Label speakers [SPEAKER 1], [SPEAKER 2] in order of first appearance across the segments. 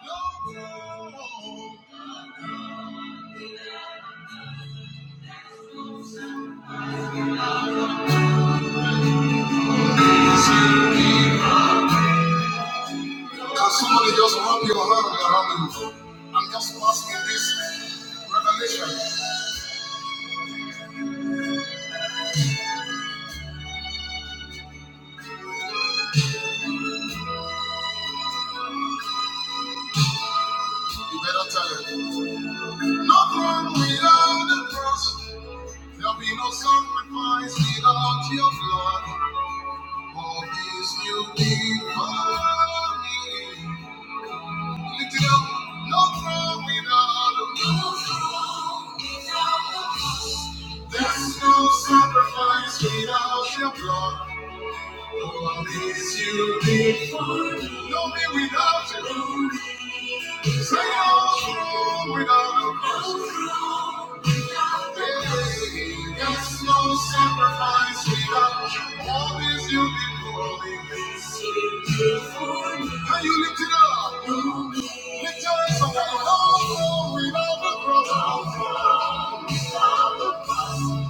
[SPEAKER 1] Can somebody just wrap your hand around you? I'm just passing this revelation. You better tell it. Not wrong without the cross. There'll be no sacrifice without your blood. All this you did for me. Lift it up. Not wrong without the blood. There's no sacrifice without your blood. Oh, this you did for me? Don't be without you. Say no room without a Hey, Yes, no sacrifice without you. All this you did for me. Can you lift it up? Lift your hands up and no room without the cross. Jesus. Take no throne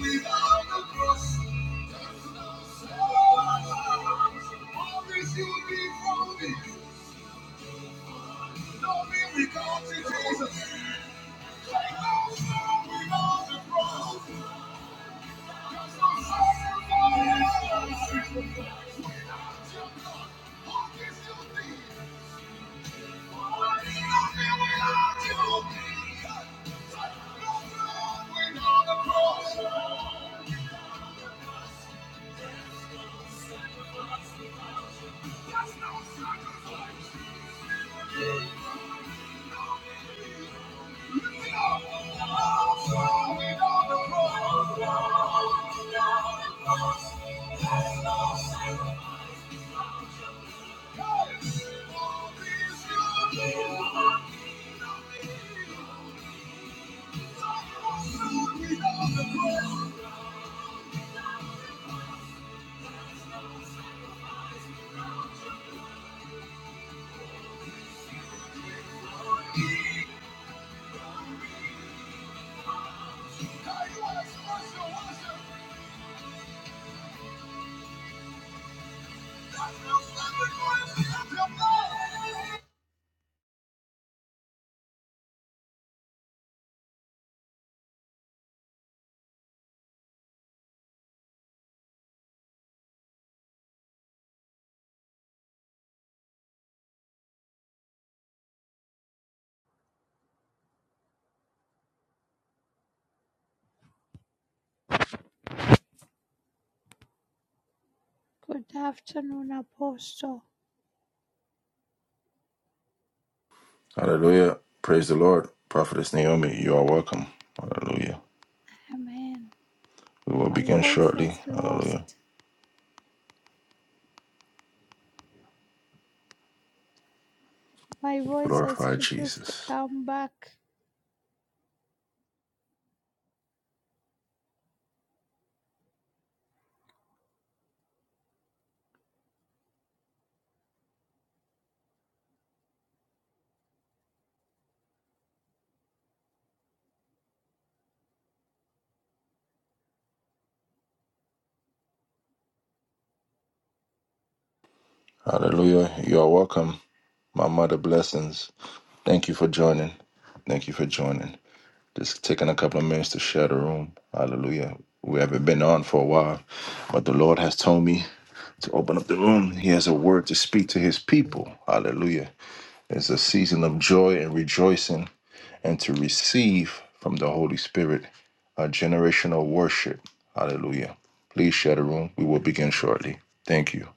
[SPEAKER 1] without the cross. What is your need?
[SPEAKER 2] Good afternoon, Apostle.
[SPEAKER 1] Hallelujah. Praise the Lord. Prophetess Naomi, you are welcome. Hallelujah.
[SPEAKER 2] Amen.
[SPEAKER 1] We will
[SPEAKER 2] My
[SPEAKER 1] begin
[SPEAKER 2] voice has
[SPEAKER 1] shortly. Hallelujah.
[SPEAKER 2] lost. My voice has
[SPEAKER 1] Glorify
[SPEAKER 2] refused to
[SPEAKER 1] Jesus.
[SPEAKER 2] come back.
[SPEAKER 1] Hallelujah. You are welcome. My mother blessings. Thank you for joining. Thank you for joining. Just taking a couple of minutes to share the room. Hallelujah. We haven't been on for a while, but the Lord has told me to open up the room. He has a word to speak to his people. Hallelujah. It's a season of joy and rejoicing and to receive from the Holy Spirit a generational worship. Hallelujah. Please share the room. We will begin shortly. Thank you.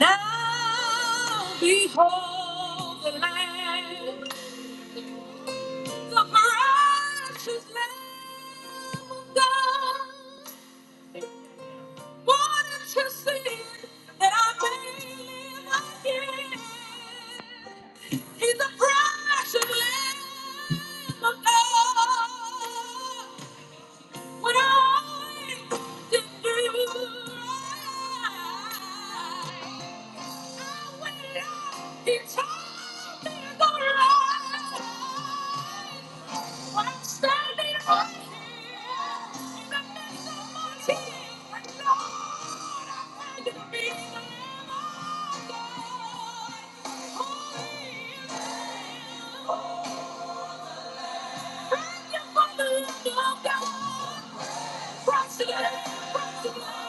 [SPEAKER 1] Now behold the Lamb. The precious Lamb God wanted to see that I may live again. He's the precious Lamb of God. What I did for you, I will not be till in the right. When I'm standing right here in the midst of my tears, and Lord, I thank you for being the Lamb of God. Thank you for the love that was brought to the- brought to the-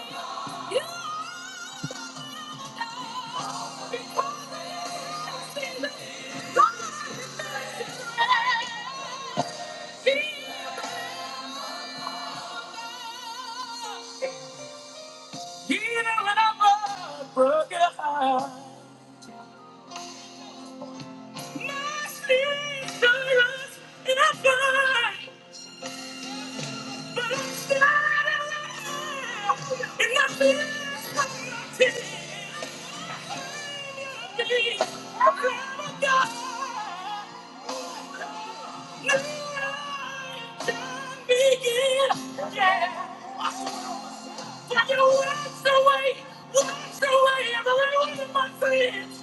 [SPEAKER 1] Broken heart, my sins are lost and I find. but I'm still alive. And I feel something. I'm gonna die. Now time begin, Yeah. Fucking wash away, wash away every one of my sins.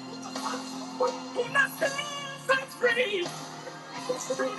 [SPEAKER 1] When I stand, I'm free. Never know.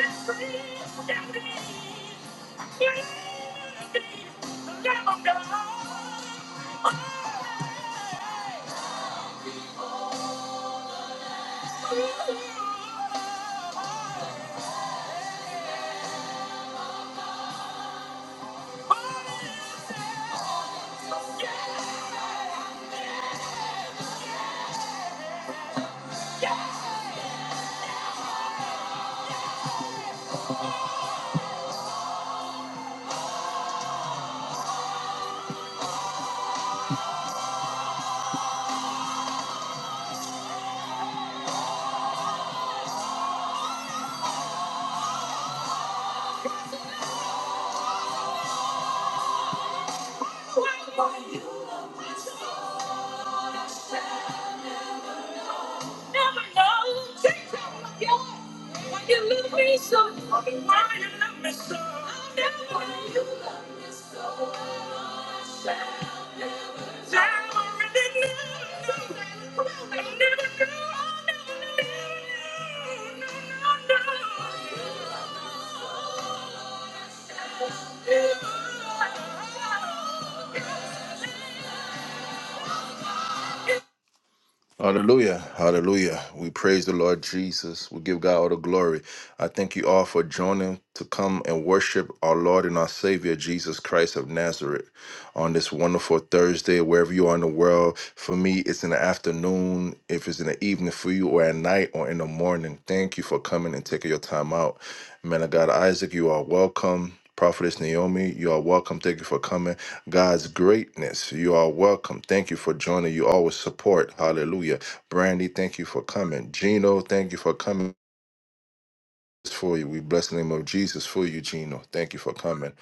[SPEAKER 1] Take time like you. Why you love me so? I'll never know. you love me so. Thank you. Hallelujah. Hallelujah. We praise the Lord Jesus. We give God all the glory. I thank you all for joining to come and worship our Lord and our Savior, Jesus Christ of Nazareth, on this wonderful Thursday, wherever you are in the world. For me, it's in the afternoon, if it's in the evening for you, or at night, or in the morning. Thank you for coming and taking your time out. Man of God, Isaac, you are welcome. Prophetess Naomi, you are welcome. Thank you for coming. God's greatness. You are welcome. Thank you for joining. You always support. Hallelujah. Brandy, thank you for coming. Gino, thank you for coming. For you, we bless the name of Jesus for you, Gino. Thank you for coming.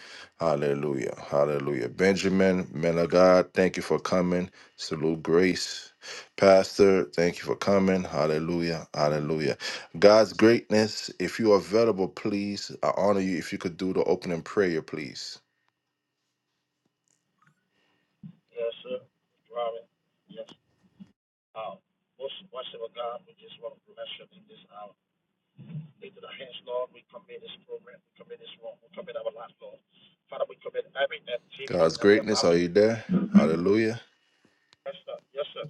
[SPEAKER 1] Hallelujah. Hallelujah. Benjamin, man of God, thank you for coming. Salute grace. Pastor, thank you for coming. Hallelujah. Hallelujah. God's greatness, if you are available, please, I honor you. If you could do the opening prayer, please.
[SPEAKER 3] Yes, sir. Robin. Yes. Um, most worship of God, we just want to bless you in this hour. Into the hands, Lord, we commit this program, we commit this room, we commit our life, Lord. Father, we commit every activity
[SPEAKER 1] God's
[SPEAKER 3] that we are
[SPEAKER 1] greatness,
[SPEAKER 3] about
[SPEAKER 1] are
[SPEAKER 3] to
[SPEAKER 1] you
[SPEAKER 3] do.
[SPEAKER 1] there? Hallelujah.
[SPEAKER 3] Yes, sir. Yes, sir.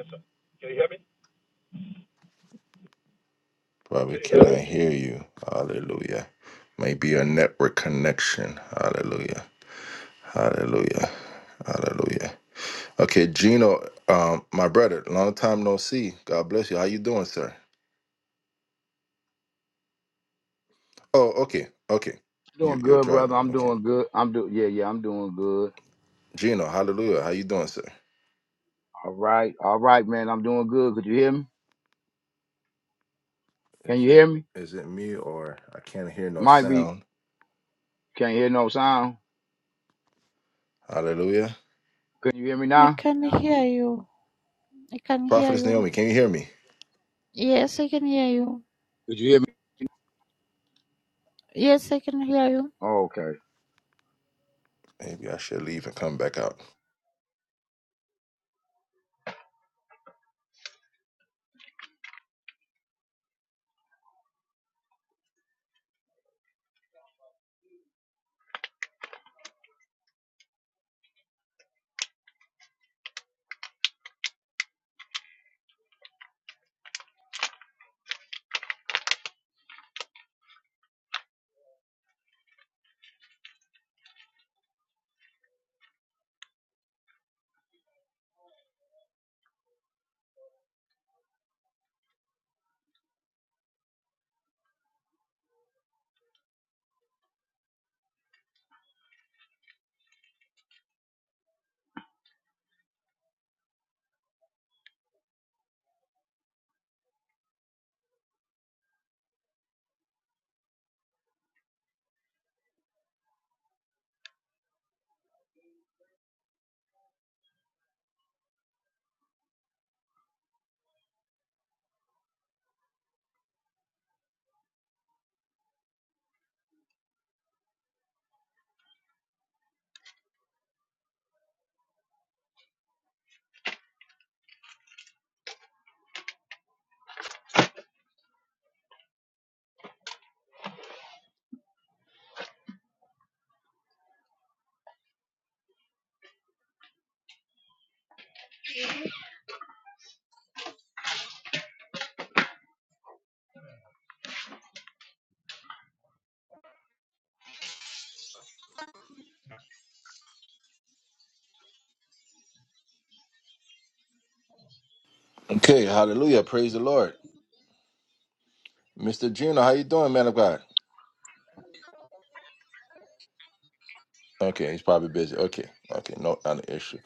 [SPEAKER 3] Yes, sir. Can you hear me?
[SPEAKER 1] Probably
[SPEAKER 3] Can you hear
[SPEAKER 1] cannot
[SPEAKER 3] me?
[SPEAKER 1] hear you. Hallelujah. Maybe a network connection. Hallelujah. Hallelujah. Hallelujah. Okay, Gino, um, my brother, long time no see. God bless you. How you doing, sir? Oh, okay, okay. You
[SPEAKER 4] Doing
[SPEAKER 1] you're
[SPEAKER 4] good, brother.
[SPEAKER 1] driving.
[SPEAKER 4] I'm
[SPEAKER 1] Okay.
[SPEAKER 4] doing good. I'm doing yeah, yeah. I'm doing good.
[SPEAKER 1] Gino, hallelujah. How you doing, sir?
[SPEAKER 4] All right, all right, man. I'm doing good. Could you hear me? Can
[SPEAKER 1] Is
[SPEAKER 4] you
[SPEAKER 1] it
[SPEAKER 4] hear me?
[SPEAKER 1] is it me or I can't hear no
[SPEAKER 4] Might be.
[SPEAKER 1] sound?
[SPEAKER 4] Can't hear no sound.
[SPEAKER 1] Hallelujah.
[SPEAKER 4] Can you hear me
[SPEAKER 2] I
[SPEAKER 4] now?
[SPEAKER 2] can hear you. I can hear
[SPEAKER 1] Prophetess
[SPEAKER 2] you.
[SPEAKER 1] Naomi, can you hear me?
[SPEAKER 2] Yes, I can hear you.
[SPEAKER 4] Could you hear me?
[SPEAKER 2] Yes, I can hear you.
[SPEAKER 4] Okay.
[SPEAKER 1] Maybe I should leave and come back out. Okay, hallelujah. Praise the Lord. Mr. Gino, how you doing, man of God? Okay, he's probably busy. Okay, okay, no, not an issue.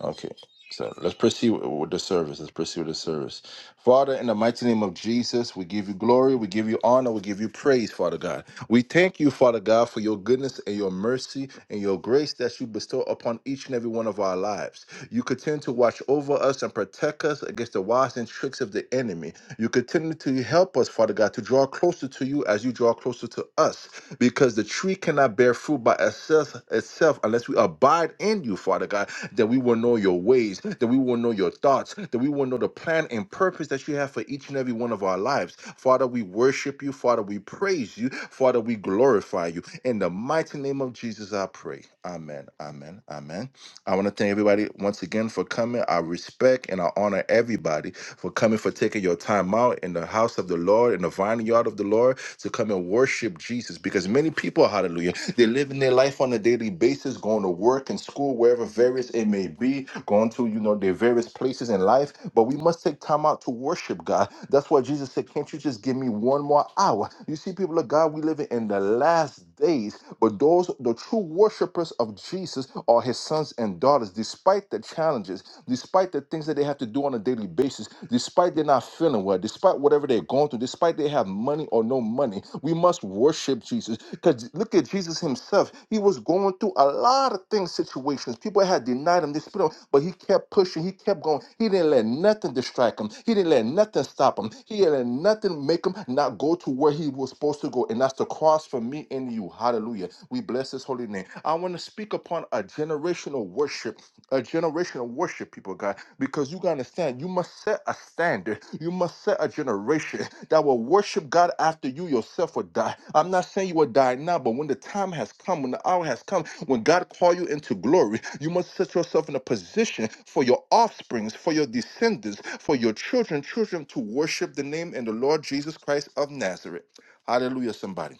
[SPEAKER 1] Okay, so let's proceed with with the service. Let's proceed with the service. Father, in the mighty name of Jesus, we give you glory, we give you honor, we give you praise, Father God. We thank you, Father God, for your goodness and your mercy and your grace that you bestow upon each and every one of our lives. You continue to watch over us and protect us against the wiles and tricks of the enemy. You continue to help us, Father God, to draw closer to you as you draw closer to us, because the tree cannot bear fruit by itself, itself unless we abide in you, Father God, that we will know your ways, that we will know your thoughts, that we will know the plan and purpose that you have for each and every one of our lives. Father, we worship you. Father, we praise you. Father, we glorify you. In the mighty name of Jesus, I pray. Amen. Amen. Amen. I want to thank everybody once again for coming. I respect and I honor everybody for coming, for taking your time out in the house of the Lord, in the vineyard of the Lord, to come and worship Jesus. Because many people, hallelujah, they're living their life on a daily basis, going to work and school, wherever various it may be, going to, you know, their various places in life. But we must take time out to worship worship God. That's why Jesus said, Can't you just give me one more hour? You see, people of God, we live in the last days, but those, the true worshipers of Jesus, are his sons and daughters, despite the challenges, despite the things that they have to do on a daily basis, despite they're not feeling well, despite whatever they're going through, despite they have money or no money, we must worship Jesus Jesus. Because look at Jesus himself. He was going through a lot of things, situations. People had denied him this spirit, but he kept pushing. He kept going. He didn't let nothing distract him. He didn't let nothing stop him. He didn't let nothing make him not go to where he was supposed to go. And that's the cross for me and you. Hallelujah. We bless his holy name. I want to speak upon a generational worship a generation of worship people, God, because you got to understand, you must set a standard. You must set a generation that will worship God after you yourself will die. I'm not saying you will die now, but when the time has come, when the hour has come, when God call you into glory, you must set yourself in a position for your offsprings, for your descendants, for your children, children to worship the name and the Lord Jesus Christ of Nazareth. Hallelujah, somebody.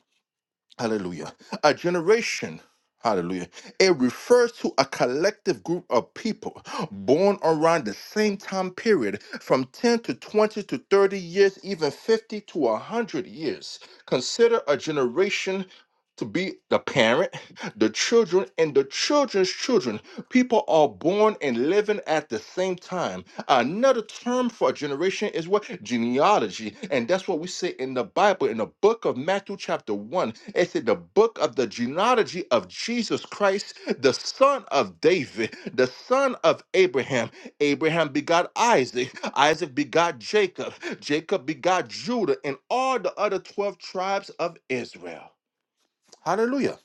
[SPEAKER 1] Hallelujah. A generation. Hallelujah. It refers to a collective group of people born around the same time period from 10 to 20 to 30 years, even 50 to 100 years. Consider a generation to be the parent, the children, and the children's children. People are born and living at the same time. Another term for a generation is what? Genealogy. And that's what we say in the Bible, in the book of Matthew, chapter 1. It said the book of the genealogy of Jesus Christ, the son of David, the son of Abraham. Abraham begot Isaac. Isaac begot Jacob. Jacob begot Judah and all the other 12 tribes of Israel. Hallelujah.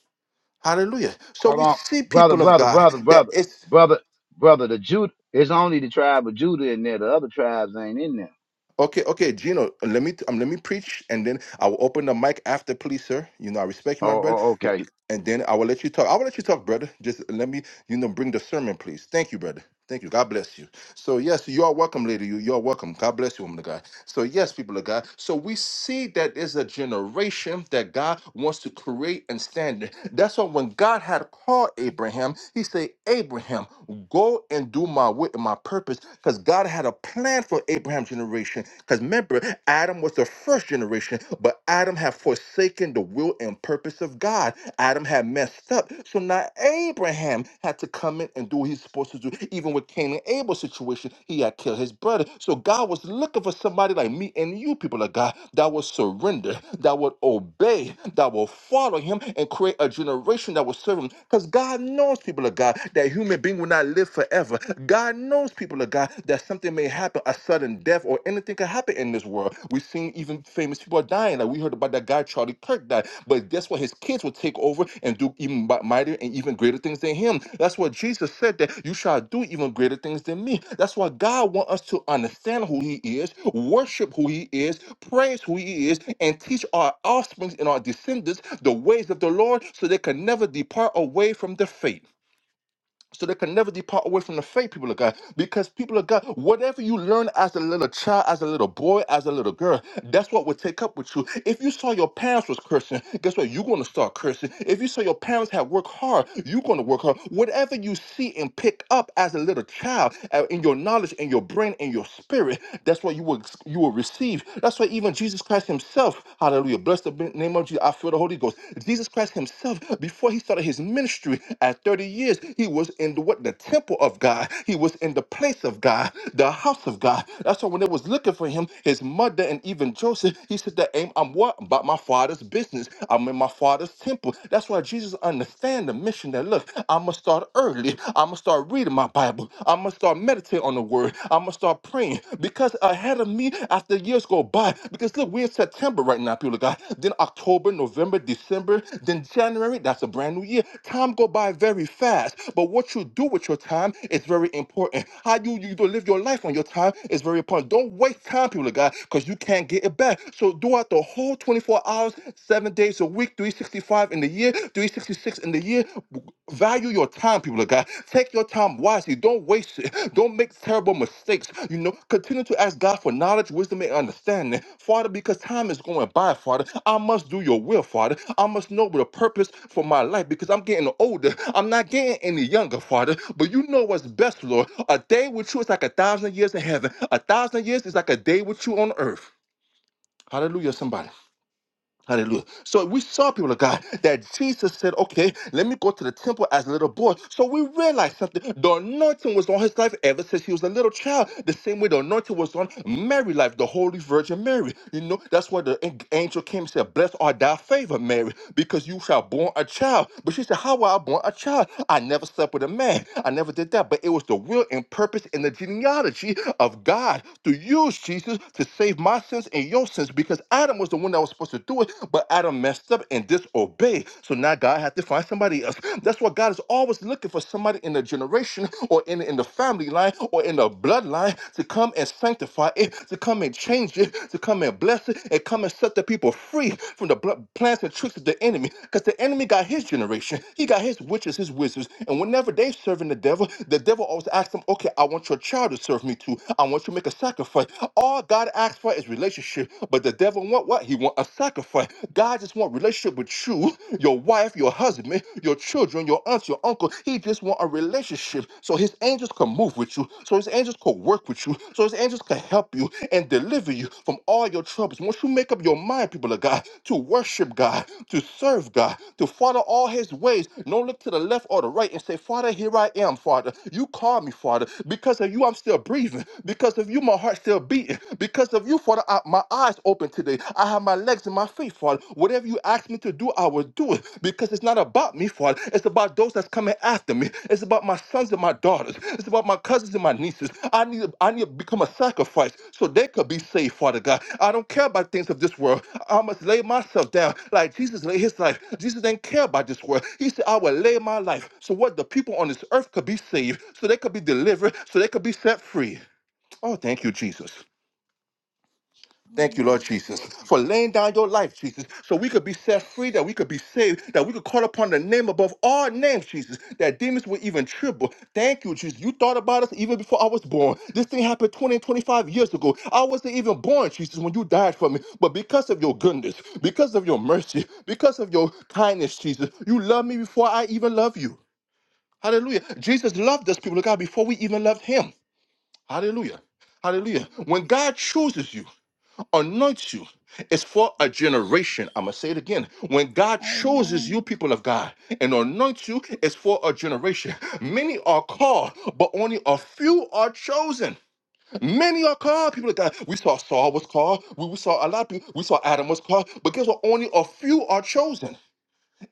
[SPEAKER 1] Hallelujah. So
[SPEAKER 4] Hold
[SPEAKER 1] we
[SPEAKER 4] on,
[SPEAKER 1] see
[SPEAKER 4] brother,
[SPEAKER 1] people of
[SPEAKER 4] brother,
[SPEAKER 1] God
[SPEAKER 4] brother,
[SPEAKER 1] that
[SPEAKER 4] brother,
[SPEAKER 1] it's
[SPEAKER 4] brother, brother. The Judah. It's only the tribe of Judah in there. The other tribes ain't in there.
[SPEAKER 1] Okay, okay, Gino. Let me um, let me preach, and then I will open the mic after, please, sir. You know I respect you,
[SPEAKER 4] Oh,
[SPEAKER 1] my brother,
[SPEAKER 4] oh
[SPEAKER 1] L-
[SPEAKER 4] okay.
[SPEAKER 1] and then I will let you talk. I will let you talk, brother. Just let me you know, bring the sermon, please. Thank you, brother. Thank you. God bless you. So yes, you are welcome, lady. You you are welcome. God bless you, woman of God. So yes, people of God. So we see that there's a generation that God wants to create and stand. in. That's why when God had called Abraham, He said, "Abraham, go and do my will and my purpose," because God had a plan for Abraham's generation. Because remember, Adam was the first generation, but Adam had forsaken forsaken the will and purpose of God. Adam had messed up. So now Abraham had to come in and do what he's supposed to do. Even with Cain and Abel's situation, he had killed his brother. So God was looking for somebody like me and you, people of God, that would surrender, that would obey, that will follow him and create a generation that will serve him. Because God knows, people of God, that human being will not live forever. God knows, people of God, that something may happen a sudden death or anything can happen in this world. We've seen even famous people are dying. Like we heard about that guy Charlie Kirk died. But guess what? His kids will take over and do even mightier and even greater things than him. That's what Jesus said that you shall do even greater things than me. That's why God wants us to understand who he is, worship who he is, praise who he is, and teach our offspring and our descendants the ways of the Lord so they can never depart away from the faith so they can never depart away from the faith, people of God. Because people of God, whatever you learn as a little child, as a little boy, as a little girl, that's what will take up with you. If you saw your parents was cursing, guess what? You're gonna start cursing. If you saw your parents had worked hard, you're gonna work hard. Whatever you see and pick up as a little child uh, in your knowledge, in your brain, in your spirit, that's what you will you will receive. That's why even Jesus Christ Himself, hallelujah, blessed the name of Jesus, I feel the Holy Ghost. Jesus Christ himself, before he started his ministry at 30 years, he was in the, what, the temple of God. He was in the place of God, the house of God. That's why when they was looking for him, his mother and even Joseph, he said that "Am- I'm what? About my father's business. I'm in my father's temple. That's why Jesus understand the mission that look, I'm gonna start early. I'm gonna start reading my Bible. I'm gonna start meditating on the word. I'm gonna start praying because ahead of me, as the years go by, because look, we're in September right now, people of God. Then October, November, December, then January. That's a brand new year. Time go by very fast, but what you do with your time is very important. How you you live your life on your time is very important. Don't waste time, people of God, because you can't get it back. So throughout the whole 24 hours, seven days a week, 365 in the year, 366 six in the year. Value your time, people of God. Take your time wisely. Don't waste it. Don't make terrible mistakes. You know, continue to ask God for knowledge, wisdom, and understanding, Father, because time is going by, Father. I must do your will, Father. I must know the purpose for my life because I'm getting older. I'm not getting any younger, Father. But you know what's best, Lord. A day with you is like a thousand years in heaven, a thousand years is like a day with you on earth. Hallelujah, somebody. Hallelujah. So we saw people of God that Jesus said, okay, let me go to the temple as a little boy. So we realized something. The anointing was on his life ever since he was a little child. The same way the anointing was on Mary's life, the Holy Virgin Mary. You know, that's why the an- angel came and said, Blessed art thou favor, Mary, because you shall born a child. But she said, How will I born a child? I never slept with a man. I never did that. But it was the will and purpose and the genealogy of God to use Jesus to save my sins and your sins because Adam was the one that was supposed to do it, but Adam messed up and disobeyed. So now God had to find somebody else. That's why God is always looking for somebody in the generation or in, in the family line or in the bloodline to come and sanctify it, to come and change it, to come and bless it, and come and set the people free from the bl- plans and tricks of the enemy. Because the enemy got his generation, he got his witches, his wizards. And whenever they serving the devil, the devil always asks them, Okay, I want your child to serve me too. I want you to make a sacrifice. All God asks for is is relationship, but the devil want what? He want a sacrifice. God just want relationship with you, your wife, your husband, your children, your aunts, your uncle. He just want a relationship. So his angels can move with you. So his angels can work with you. So his angels can help you and deliver you from all your troubles. Once you make up your mind, people of God, to worship God, to serve God, to follow all his ways, don't look to the left or the right and say, Father, here I am, Father. You called me, Father. Because of you, I'm still breathing. Because of you, my heart still a beat because of you, Father. I, my eyes open today. I have my legs and my feet, Father. Whatever you ask me to do, I will do it because it's not about me, Father. It's about those that's coming after me. It's about my sons and my daughters. It's about my cousins and my nieces. I need, I need to become a sacrifice so they could be saved, Father God. I don't care about things of this world. I must lay myself down like Jesus laid his life. Jesus didn't care about this world. He said, I will lay my life so what the people on this earth could be saved, so they could be delivered, so they could be set free. Oh, thank you, Jesus. Thank you,
[SPEAKER 2] Hallelujah.
[SPEAKER 1] Lord Jesus, for laying down your life, Jesus, so we could be set free, that we could be saved, that we could call upon the name above all names, Jesus, that demons would even tremble. Thank you, Jesus. You thought about us even before I was born. This thing happened 20 and 25 years ago. I wasn't even born, Jesus, when you died for me. But because of your goodness, because of your mercy, because of your kindness, Jesus, you loved me before I even loved you. Hallelujah. Jesus loved us, people of God, before we even loved him. Hallelujah. Hallelujah. When
[SPEAKER 2] Hallelujah.
[SPEAKER 1] God chooses you, anoints you is for a
[SPEAKER 2] Yes.
[SPEAKER 1] generation. I'm gonna say it again. When God chooses
[SPEAKER 2] Amen.
[SPEAKER 1] you, people of God, and anoints you is for a generation. Many are called, but only a few are chosen. Many are called, people of God. We saw Saul was called. We we saw a lot of people. We saw Adam was called, but guess what? Only a few are chosen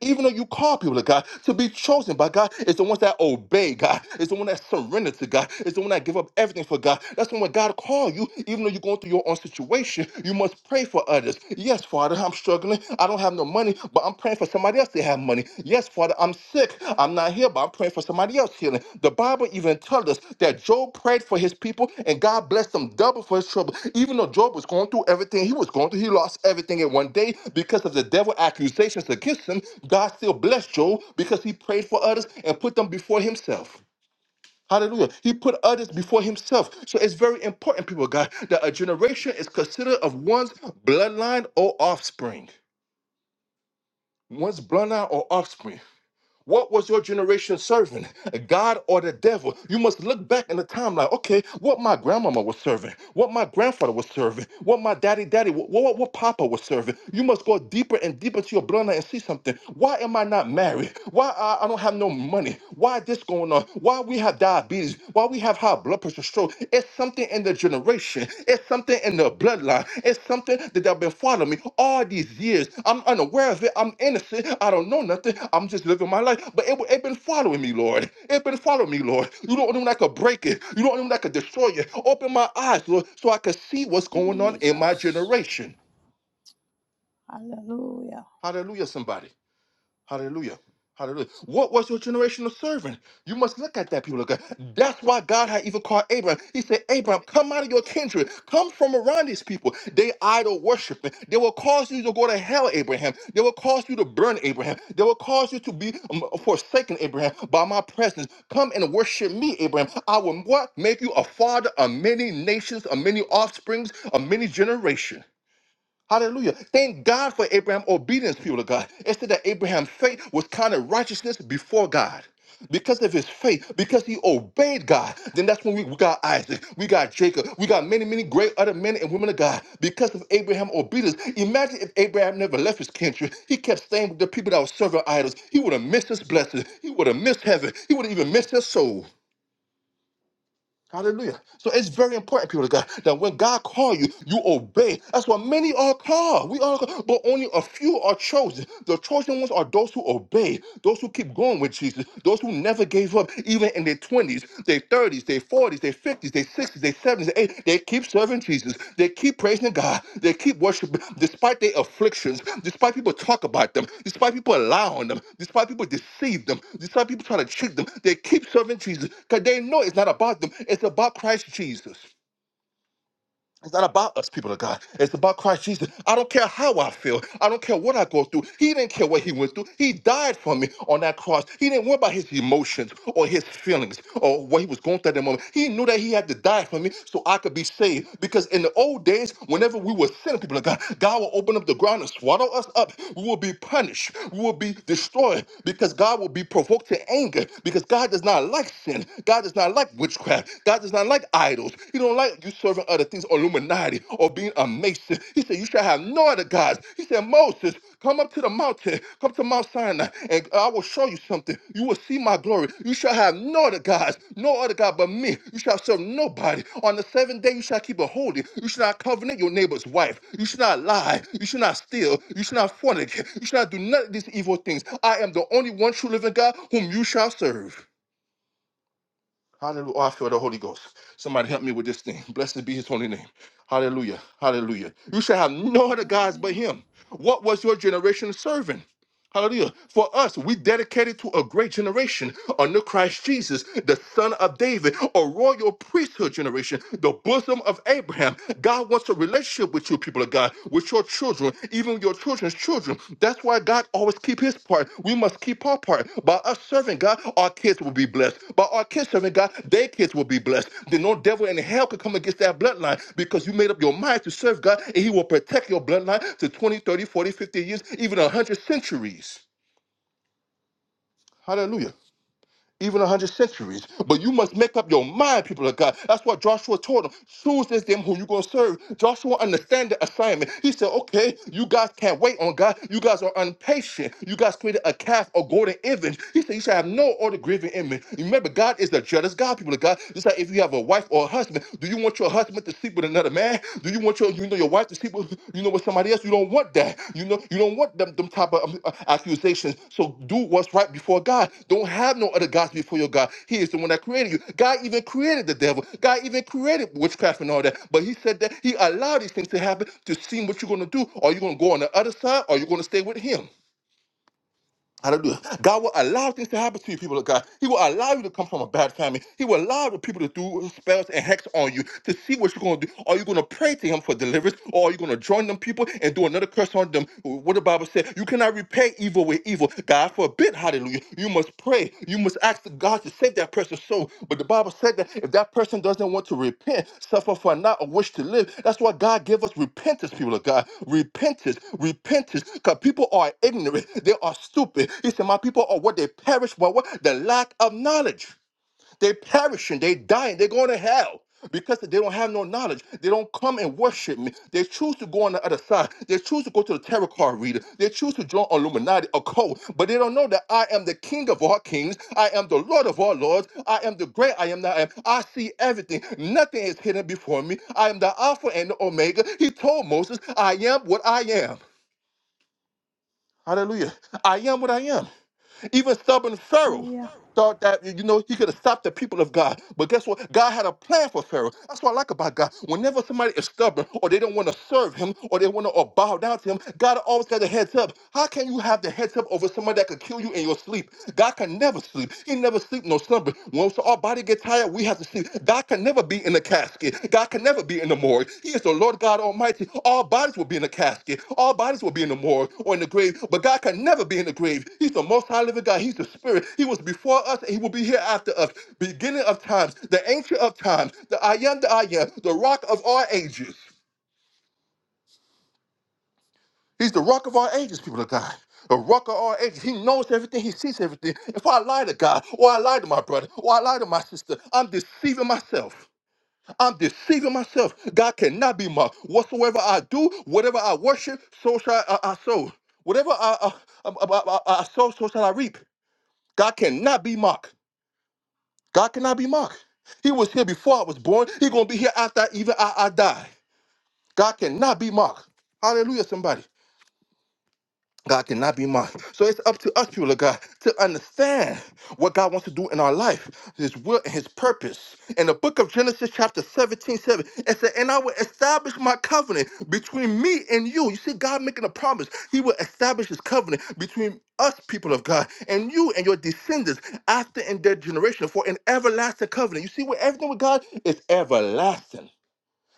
[SPEAKER 1] even though you call people to God, to be chosen by God is the ones that obey God, It's the one that surrender to God, It's the one that give up everything for God. That's when when God call you, even though you're going through your own situation, you must pray for others. Yes, Father, I'm struggling. I don't have no money, but I'm praying for somebody else to have money. Yes, Father, I'm sick. I'm not here, but I'm praying for somebody else healing. The Bible even tells us that Job prayed for his people and God blessed him double for his trouble. Even though Job was going through everything he was going through, he lost everything in one day because of the devil accusations against him. God still blessed Job because he prayed for others and put them before himself. Hallelujah. He put others before himself. So it's very important, people, of God, that a generation is considered of one's bloodline or offspring. One's bloodline or offspring. What was your generation serving? God or the devil? You must look back in the timeline. Okay, what my grandmama was serving, what my grandfather was serving, what my daddy, daddy, what, what, what papa was serving. You must go deeper and deeper to your bloodline and see something. Why am I not married? Why I, I don't have no money? Why this going on? Why we have diabetes? Why we have high blood pressure? spiritual stroke. It's something in the generation. It's something in the bloodline. It's something that have been following me all these years. I'm unaware of it. I'm innocent. I don't know nothing. I'm just living my life. But it wa- it been following me, Lord. It been following me, Lord. You don't know when I could break it. You don't know when I could destroy it. Open my eyes, Lord, so I could see what's going on in my
[SPEAKER 2] Jesus.
[SPEAKER 1] generation.
[SPEAKER 2] Hallelujah.
[SPEAKER 1] Hallelujah, somebody. Hallelujah. Hallelujah. What was your generational servant? You must look at that, people of God. That's why God had even called Abraham. He said, Abraham, come out of your kindred. Come from around these people. They idol worship. They will cause you to go to hell, Abraham. They will cause you to burn, Abraham. They will cause you to be um, forsaken, Abraham, by my presence. Come and worship me, Abraham. I will what? Make you a father of many nations, of many offsprings, of many generations. Hallelujah. Thank God for Abraham's obedience, people of God. It said that Abraham's faith was counted righteousness before God. Because of his faith, because he obeyed God, then that's when we, we got Isaac, we got Jacob, we got many, many great other men and women of God. Because of Abraham's obedience, imagine if Abraham never left his country. He kept staying with the people that were serving idols. He would have missed his blessing. He would have missed heaven. He would have even missed his soul. Hallelujah. So it's very important, people of God, that when God calls you, you obey. That's why many are called. We are called, but only a few are chosen. The chosen ones are those who obey, those who keep going with Jesus, those who never gave up, even in their 20s, their 30s, their 40s, their 50s, their 60s, they 70s, they 80s. They keep serving Jesus. They keep praising God. They keep worshiping despite their afflictions, despite people talk about them, despite people allowing them, despite people deceive them, despite people trying to trick them. They keep serving Jesus because they know it's not about them. It's about Christ Jesus. It's not about us, people of God. It's about Christ Jesus. I don't care how I feel. I don't care what I go through. He didn't care what he went through. He died for me on that cross. He didn't worry about his emotions or his feelings or what he was going through at that moment. He knew that he had to die for me so I could be saved. Because in the old days, whenever we were sinning, people of God, God will open up the ground and swallow us up. We will be punished. We will be destroyed because God will be provoked to anger because God does not like sin. God does not like witchcraft. God God does not like idols. He don't like you serving other things or Illuminati or being a mason. He said, You shall have no other gods. He said, Moses, come up to the mountain, come to Mount Sinai, and I will show you something. You will see my glory. You shall have no other gods, no other God but me. You shall serve nobody. On the seventh day, you shall keep a holy. You shall not covenant your neighbor's wife. You shall not lie. You shall not steal. You shall not fornicate. You shall not do none of these evil things. I am the only one true living God whom you shall serve. Hallelujah. Oh, I feel the Holy Ghost. Somebody help me with this thing. Blessed be his holy name. Hallelujah. Hallelujah. You shall have no other gods but
[SPEAKER 2] Hallelujah.
[SPEAKER 1] him. What was your generation serving? Hallelujah. For us, we dedicated to a great generation under Christ Jesus, the son of David, a royal priesthood generation, the bosom of Abraham. God wants a relationship with you, people of God, with your children, even your children's children. That's why God always keeps his part. We must keep our part. By us serving God, our kids will be blessed. By our kids serving God, their kids will be blessed. Then no devil in hell could come against that bloodline because you made up your mind to serve God and he will protect your bloodline to 20, 30, 40, 50 years, even 100 centuries. Hallelujah even a hundred centuries. But you must make up your mind, people of God. That's what Joshua told them. Choose this them who you're gonna serve. Joshua understand the assignment. He said, Okay, you guys can't wait on God. You guys are impatient. You guys created a calf or golden image. He said, You shall have no other grieving image. Remember, God is the jealous God, people of God. Just like if you have a wife or a husband, do you want your husband to sleep with another? another man? Do you want your you know your wife to sleep with you know with somebody else? You don't want that. You know you don't want them them type of um, uh, accusations. So do what's right before God. Don't have no other gods before your God. He is the one that created you. God even created the devil. God even created witchcraft and all that. But He said that He allowed these things to happen to see what you're gonna do. Are you gonna go on the other side? Or are you gonna stay with Him? Hallelujah. God will allow things to happen to you, people of God. He will allow you to come from a bad family. He will allow the people to do spells and hex on you to see what you're going to do. Are you going to pray to Him for deliverance or are you going to join them people and do another curse on them? What the Bible said, you cannot repay evil with evil. God forbid, hallelujah. You must pray, you must ask God to save that person's soul. But the Bible said that if that person doesn't want to repent, suffer for not a wish to live, that's why God gave us repentance, people of God. Repentance, repentance, because people are ignorant, they are stupid. He said, My people are what they perish by what? The lack of knowledge. They're perishing, they're dying, they're going to hell because they don't have no knowledge. They don't come and worship me. They choose to go on the other side. They choose to go to the tarot card reader. They choose to join Illuminati or cult, but they don't know that I am the king of all kings. I am the lord of all lords. I am the great I am that I am. I see everything. Nothing is hidden before me. I am the Alpha and the Omega. He told Moses, I am what I am. Hallelujah. I am what I am. Even stubborn Pharaoh
[SPEAKER 2] Hallelujah.
[SPEAKER 1] thought that, you know, he could have stopped the people of God. But guess what? God had a plan for Pharaoh. That's what I like about God. Whenever somebody is stubborn or they don't want to serve him or they want to or bow down to him, God always got a heads up. How can you have the heads up over somebody that could kill you in your sleep? God can never sleep. He never sleep no slumber. Once our body get tired, we have to sleep. God can never be in a casket. God can never be in the morgue. He is the Lord God Almighty. All bodies will be in a casket. All bodies will be in the morgue or in the grave. But God can never be in the grave. He's the most high living God. He's the spirit. He was before us and he will be here after us. Beginning of times, the ancient of times, the I am the I am, the rock of all ages. He's the rock of all ages, people of God. The rock of all ages. He knows everything. He sees everything. If I lie to God, or I lie to my brother, or I lie to my sister, I'm deceiving myself. I'm deceiving myself. God cannot be mocked. Whatsoever I do, whatever I worship, so shall I, I sow. Whatever I, I, I, I, I I sow, so shall I reap. God cannot be mocked. God cannot be mocked. He was here before I was born. He's going to be here after even I, I die. God cannot be mocked. Hallelujah, somebody. God cannot be mocked. So it's up to us, people of God, to understand what God wants to do in our life, His will and His purpose. In the book of Genesis, chapter 17, 7, it said, And I will establish my covenant between me and you. You see, God making a promise. He will establish His covenant between us, people of God, and you and your descendants after and their generation for an everlasting covenant. You see, where everything with God is everlasting.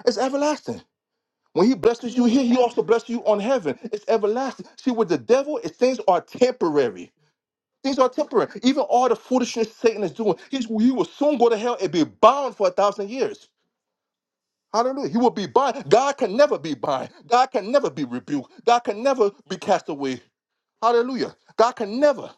[SPEAKER 1] It's everlasting. When he blesses you here, he
[SPEAKER 2] Hallelujah.
[SPEAKER 1] also blesses you on heaven. It's everlasting. See, with the devil, it's, things are temporary. Things are temporary. Even all the foolishness Satan is doing, he's, he will soon go to hell and be bound for a thousand years. Hallelujah. He will be bound. God can never be bound. God can never be rebuked. God can never be cast away. Hallelujah. God can never.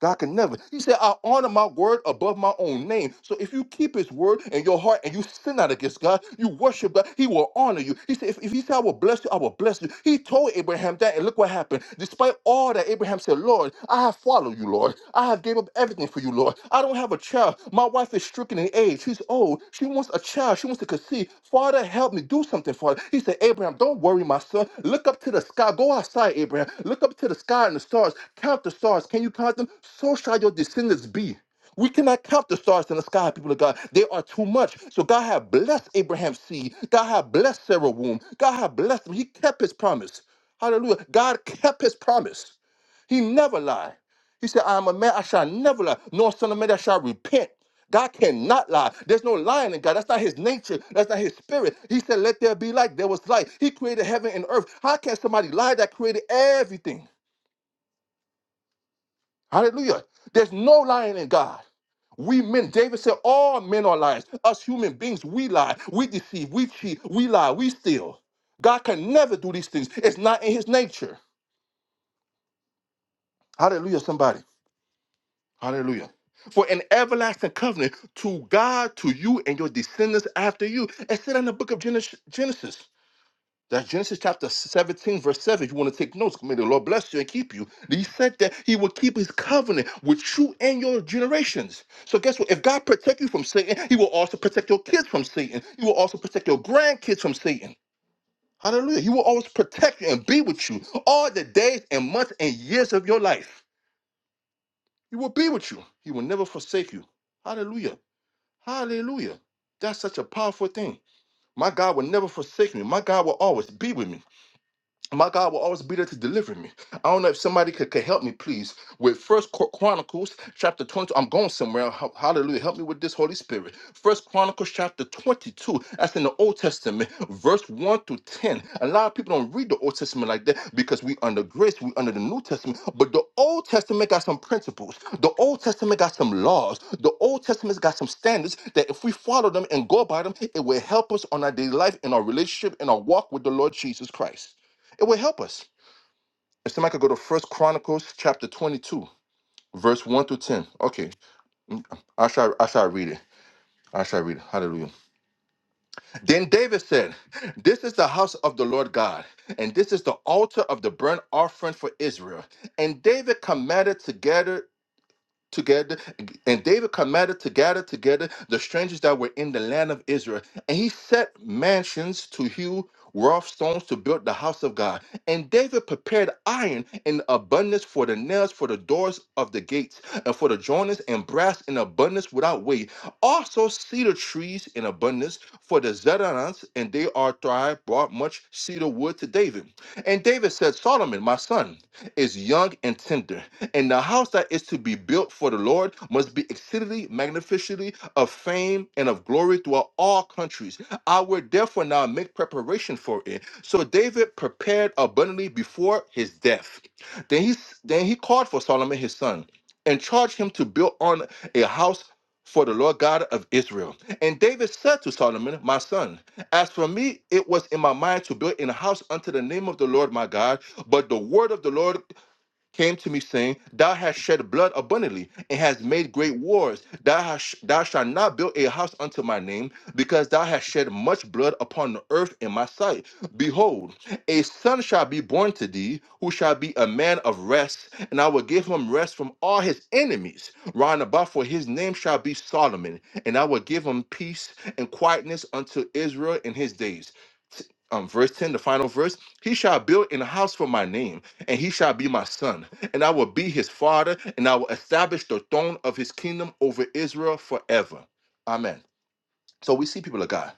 [SPEAKER 1] God can never. He said, I honor my word above my own name. So if you keep his word in your heart and you sin not against God, you worship God, he will honor you. He said, if, if he said, I will bless you, I will bless you. He told Abraham that, and look what happened. Despite all that, Abraham said, Lord, I have followed you, Lord. I have gave up everything for you, Lord. I don't have a child. My wife is stricken in age. She's old. She wants a child. She wants to conceive me. Father, help me. Do something, Father. He said, Abraham, don't worry, my son. Look up to the sky. Go outside, Abraham. Look up to the sky and the stars. Count the stars. Can you count them? So shall your descendants be. We cannot count the stars in the sky, people of God. They are too much. So God had blessed Abraham's seed. God had blessed Sarah's womb. God had blessed him. He kept his promise. Hallelujah. God kept his promise. He never lied. He said, I am a man, I shall never lie, nor son of man that shall repent. God cannot lie. There's no lying in God. That's not his nature. That's not his spirit. He said, Let there be light. There was light. He created heaven and earth. How can somebody lie that created everything? Hallelujah. There's no lying in God. We men, David said, all men are liars. Us human beings, we lie, we deceive, we cheat, we lie, we steal. God can never do these things. It's not in his nature. Hallelujah, somebody. Hallelujah. For an everlasting covenant to God, to you, and your descendants after you. It's said in the book of Genes- Genesis. That's Genesis chapter 17, verse 7. If you want to take notes, may the Lord bless you and keep you. He said that he will keep his covenant with you and your generations. So guess what? If God protect you from Satan, he will also protect your kids from Satan. He will also protect your grandkids from Satan. Hallelujah. He will always protect you and be with you all the days and months and years of your life. He will be with you. He will never forsake you. Hallelujah. Hallelujah. That's such a powerful thing. My God will never forsake me. My God will always be with me my God will always be there to deliver me. I don't know if somebody could, could help me, please, with First Chronicles chapter 22. I'm going somewhere. Ho- Hallelujah. Help me with this, Holy Spirit. First Chronicles chapter 22. That's in the Old Testament, verse 1 through 10. A lot of people don't read the Old Testament like that because we under grace, we under the New Testament. But the Old Testament got some principles. The Old Testament got some laws. The Old Testament's got some standards that if we follow them and go by them, it will help us on our daily life, in our relationship, in our walk with the Lord Jesus Christ. It will help us. If somebody could go to First Chronicles chapter 22, verse 1 through 10. Okay, I shall I shall read it. I shall read it. Hallelujah. Then David said, This is the house of the Lord God, and this is the altar of the burnt offering for Israel. And David commanded together together, and David commanded to gather together the strangers that were in the land of Israel. And he set mansions to hew rough stones to build the house of God. And David prepared iron in abundance for the nails, for the doors of the gates, and for the joiners, and brass in abundance without weight. Also cedar trees in abundance for the Zedarans, and they are thrive brought much cedar wood to David. And David said, Solomon, my son, is young and tender and the house that is to be built for the Lord must be exceedingly magnificently of fame and of glory throughout all countries. I will therefore now make preparation for it. So David prepared abundantly before his death. Then he then he called for Solomon his son and charged him to build on a house for the Lord God of Israel. And David said to Solomon, My son, as for me, it was in my mind to build in a house unto the name of the Lord my God, but the word of the Lord came to me saying, Thou hast shed blood abundantly and hast made great wars. Thou, hast, thou shalt not build a house unto my name, because thou hast shed much blood upon the earth in my sight. Behold, a son shall be born to thee, who shall be a man of rest, and I will give him rest from all his enemies round about, for his name shall be Solomon, and I will give him peace and quietness unto Israel in his days um, verse 10, the final verse, he shall build an house for my name, and he shall be my son, and I will be his father, and I will establish the throne of his kingdom over Israel forever. Amen. So we see people of God.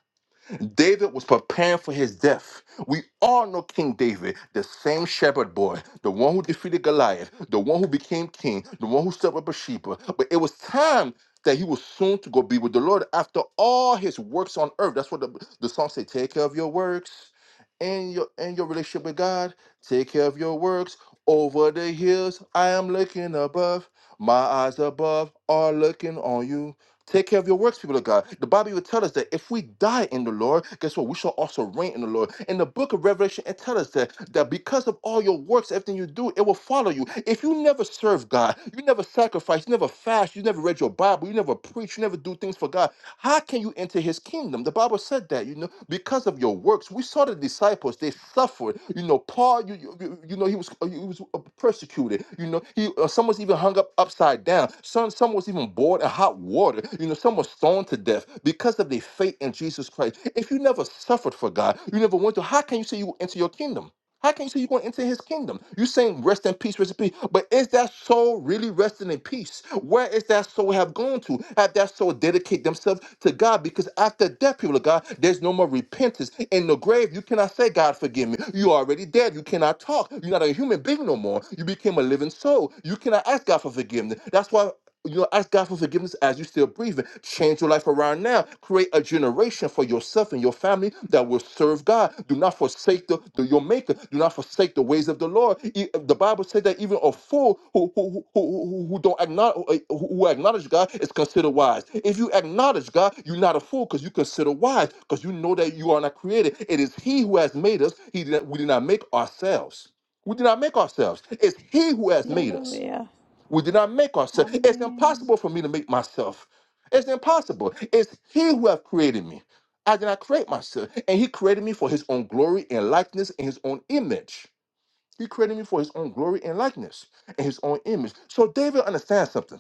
[SPEAKER 1] David was preparing for his death. We all know King David, the same shepherd boy, the one who defeated Goliath, the one who became king, the one who set up Bathsheba. But it was time that he was soon to go be with the Lord after all his works on earth. That's what the, the song say, take care of your works and your and your relationship with God. Take care of your works. Over the hills, I am looking above. My eyes above are looking on you. Take care of your works, people of God. The Bible will tell us that if we die in the Lord, guess what? We shall also reign in the Lord. In the book of Revelation, it tells us that, that because of all your works, everything you do, it will follow you. If you never serve God, you never sacrifice, you never fast, you never read your Bible, you never preach, you never do things for God, how can you enter his kingdom? The Bible said that that, you know, because of your works. We saw the disciples; they suffered. You know, Paul, you you, you know, he was he was uh, persecuted. You know, he uh, some was even hung up upside down. Some some was even boiled in hot water. You know, some was stoned to death because of their faith in Jesus Christ. If you never suffered for God, you never went to. How can you say you will enter your kingdom? How can you say you're going into his kingdom? You're saying rest in peace, rest in peace. But is that soul really resting in peace? Where is that soul have gone to? Have that soul dedicate themselves to God? Because after death, people of God, there's no more repentance. In the grave, you cannot say, God, forgive me. You are already dead. You cannot talk. You're not a human being no more. You became a living soul. You cannot ask God for forgiveness. That's why you know, ask God for forgiveness as you're still breathing. Change your life around now. Create a generation for yourself and your family that will serve God. Do not forsake the, the- your Maker. Do not forsake the ways of the Lord. E- The Bible said that even a fool who who who, who, who don't acknowledge who who acknowledge God is considered wise. If you acknowledge God, you're not a fool because you consider wise because you know that you are not created. It is He who has made us. He did not, we did not make ourselves. We did not make ourselves. It's He who has made us.
[SPEAKER 2] Hallelujah.
[SPEAKER 1] We did not make ourselves. It's
[SPEAKER 2] Amen.
[SPEAKER 1] impossible for me to make myself. It's impossible. It's He who have created me. I did not create myself. And He created me for His own glory and likeness and His own image. He created me for His own glory and likeness and His own image. So David understands something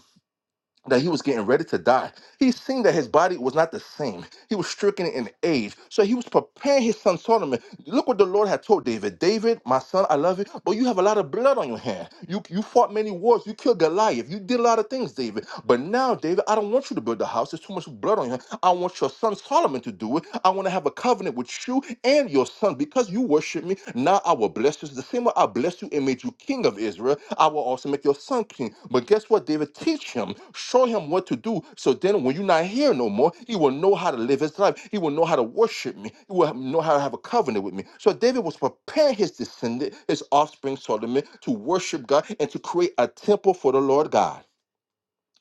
[SPEAKER 1] that he was getting ready to die. He seen that his body was not the same. He was stricken in age. So he was preparing his son Solomon. Look what the Lord had told David. David, my son, I love you, but you have a lot of blood on your hand. You you fought many wars. You killed Goliath. You did a lot of things, David. But now, David, I don't want you to build the house. There's too much blood on your hand. I want your son Solomon to do it. I want to have a covenant with you and your son because you worship me. Now I will will bless you. The same way I blessed you and made you king of Israel, I will also make your son king. But guess what, David? Teach him, show him what to do. So then when you're not here no more, he will know how to live his life. He will know how to worship me. He will know how to have a covenant with me. So David was preparing his descendant, his offspring, Solomon, to worship God and to create a temple for the Lord God.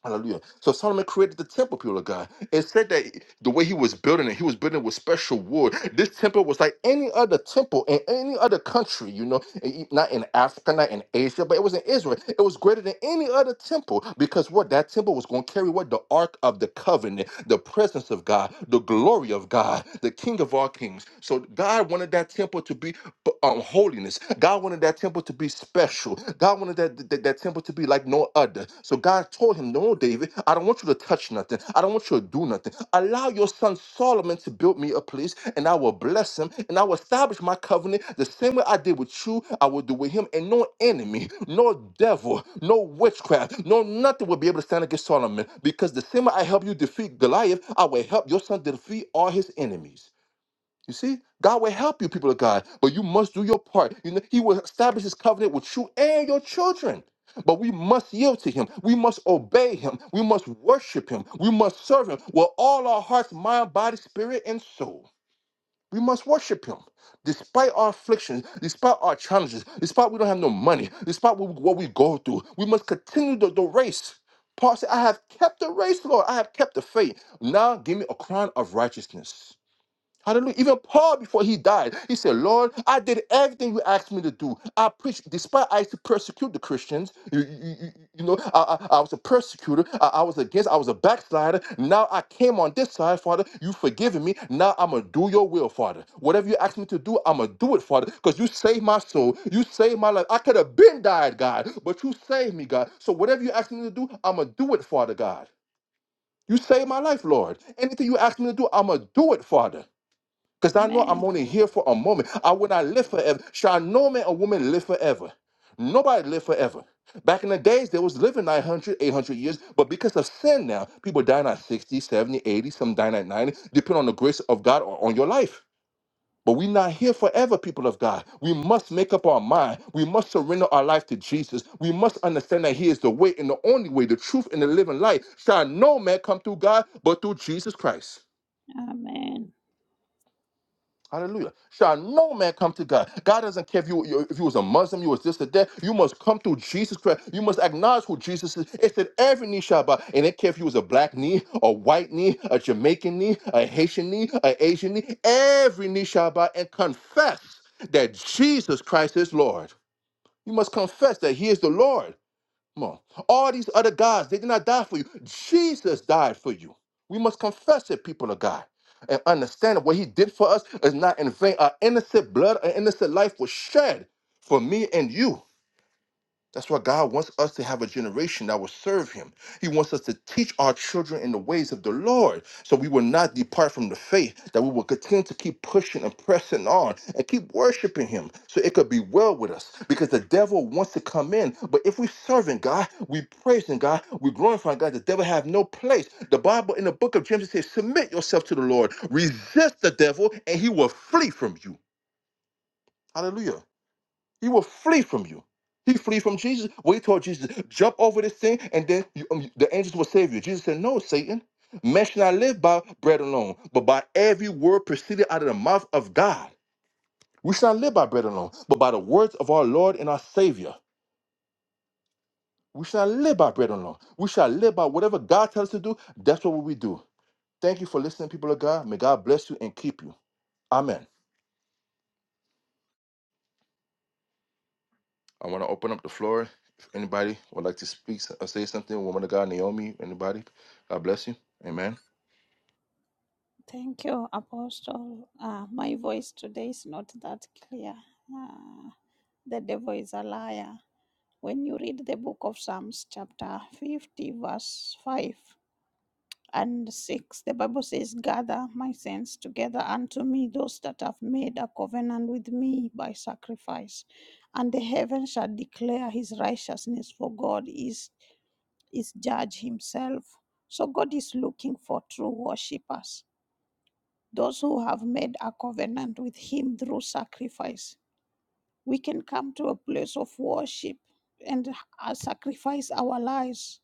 [SPEAKER 1] Hallelujah. So Solomon created the temple, people of God. It said that the way he was building it, he was building it with special wood. This temple was like any other temple in any other country, you know, and e- not in Africa, not in Asia, but it was in Israel. It was greater than any other temple because what that temple was going to carry what? The Ark of the Covenant, the presence of God, the glory of God, the King of all kings. So God wanted that temple to be um, holiness. God wanted that temple that temple to be special. God wanted that, that, that temple to be like no other. So God told him, No, David, I don't want you to touch nothing. I don't want you to do nothing. Allow your son Solomon to build me a place, and I will bless him, and I will establish my covenant the same way I did with you, I will do with him. And no enemy, no devil, no witchcraft, no nothing will be able to stand against Solomon. Because the same way I help you defeat Goliath, I will help your son defeat all his enemies. You see, God will help you, people of God, but you must do your part. You know, He will establish His covenant with you and your children. But we must yield to Him. We must obey Him. We must worship Him. We must serve Him with all our hearts, mind, body, spirit, and soul. We must worship Him despite our afflictions, despite our challenges, despite we don't have no money, despite what we, what we go through. We must continue the, the race. Paul said, I have kept the race, Lord. I have kept the faith. Now give me a crown of righteousness. Hallelujah. Even Paul, before he died, he said, Lord, I did everything you asked me to do. I preached, despite I used to persecute the Christians. You, you- you- you know, I, I, I was a persecutor. I, I was against, I was a backslider. Now I came on this side, Father. You've forgiven me. Now I'm going to do your will, Father. Whatever you asked me to do, I'm going to do it, Father, because you saved my soul. You saved my life. I could have been died, God, but you saved me, God. So whatever you asked me to do, I'm going to do it, Father God. You saved my life, Lord. Anything you asked me to do, I'm going to do it, Father. Because I know
[SPEAKER 2] Amen.
[SPEAKER 1] I'm only here for a moment. I will not live forever. Shall no man or woman live forever? Nobody live forever. Back in the days, they was living 900, 800 years, but because of sin now, people dying at 60, 70, 80, some dying at 90, depending on the grace of God or on your life. But we're not here forever, people of God. We must make up our mind. We must surrender our life to Jesus. We must understand that He is the way and the only way, the truth and the living life. Shall no man come through God but through Jesus Christ.
[SPEAKER 2] Amen.
[SPEAKER 1] Hallelujah. Shall no man come to God. God doesn't care if you you- if you was a Muslim, you was this or that. You must come through Jesus Christ. You must acknowledge who Jesus is. It said every knee shall bow. And it care if you was a black knee, a white knee, a Jamaican knee, a Haitian knee, a Asian knee. Every knee shall bow and confess that Jesus Christ is Lord. You must confess that He is the Lord. Come on. All these other gods, they did not die for you. Jesus died for you. We must confess it, people of God, and understand that what he did for us is not in vain. Our innocent blood, our innocent life was shed for me and you. That's why God wants us to have a generation that will serve Him. He wants us to teach our children in the ways of the Lord so we will not depart from the faith, that we will continue to keep pushing and pressing on and keep worshiping Him so it could be well with us because the devil wants to come in. But if we're serving God, we praising God, we glorifying God, the devil have no place. The Bible in the book of James says, Submit yourself to the Lord, resist the devil, and he will flee from you. Hallelujah. He will flee from you. He flees from Jesus. Wait till Jesus jump over this thing, and then you, um, the angels will save you. Jesus said, "No, Satan, man should not live by bread alone, but by every word proceeded out of the mouth of God. We should not live by bread alone, but by the words of our Lord and our Savior. We should not live by bread alone. We shall live by whatever God tells us to do. That's what we do. Thank you for listening, people of God. May God bless you and keep you. Amen." I want to open up the floor. If anybody would like to speak or say something, woman of God, Naomi, anybody, God bless you. Amen.
[SPEAKER 2] Thank you, Apostle. Uh, my voice today is not that clear. Ah, the devil is a liar. When you read the book of Psalms, chapter 50, verse 5 and 6, the Bible says, Gather my saints together unto me, those that have made a covenant with me by sacrifice. And the heavens shall declare his righteousness, for God is. is judge himself. So God is looking for true worshippers, those who have made a covenant with him through sacrifice. We can come to a place of worship and uh, sacrifice our lives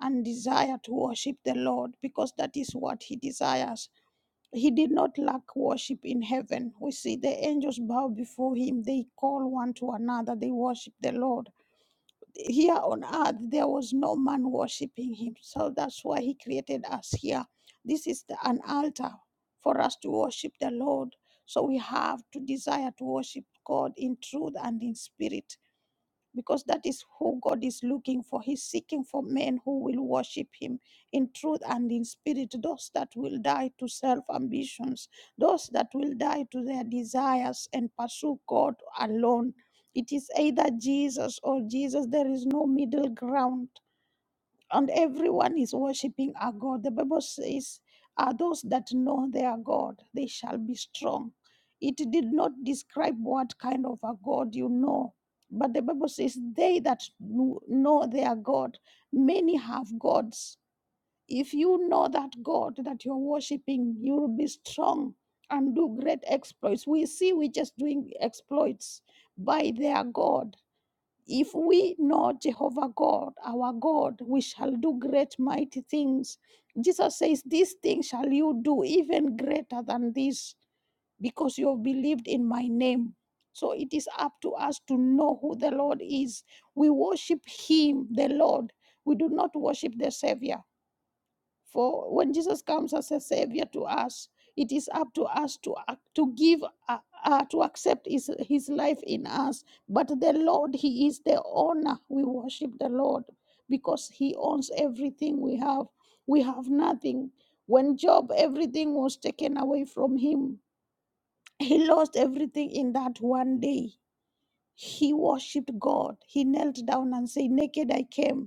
[SPEAKER 2] and desire to worship the Lord because that is what he desires. He did not lack worship in heaven. We see the angels bow before him, they call one to another, they worship the Lord here on earth there was no man worshiping him so that's why he created us here this is the, an altar for us to worship the lord so we have to desire to worship god in truth and in spirit because that is who God is looking for. He's seeking for men who will worship Him in truth and in spirit, those that will die to self ambitions, those that will die to their desires and pursue God alone. It is either Jesus or Jesus, there is no middle ground and everyone is worshiping our God. The Bible says, Are those that know their God, they shall be strong. It did not describe what kind of a God you know, but the Bible says, They that kn- know their God, many have gods. If you know that God that you're worshiping, you will be strong and do great exploits. We see we just doing exploits by their God. If we know Jehovah God, our God, we shall do great mighty things. Jesus says, These things shall you do, even greater than this, because you have believed in my name. So it is up to us to know who the Lord is. We worship Him, the Lord. We do not worship the Savior. For when Jesus comes as a savior to us, it is up to us to ac- to give uh, uh, to accept his his life in us. But the Lord, He is the owner. We worship the Lord because He owns everything we have. We have nothing. When Job, everything was taken away from him. He lost everything in that one day. He worshipped God. He knelt down and said, "Naked I came."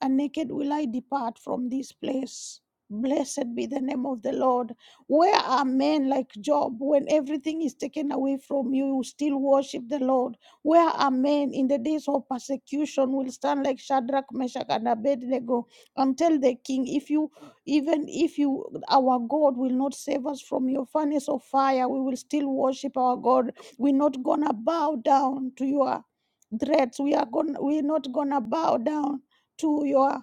[SPEAKER 2] and naked will I depart from this place. Blessed be the name of the Lord. Where are men like Job when everything is taken away from you, you still worship the Lord? Where are men in the days of persecution will stand like Shadrach, Meshach, and Abednego and tell the king, if you, even if you, our God will not save us from your furnace of fire, we will still worship our God. We're not gonna bow down to your threats. We are going. We're not gonna bow down to your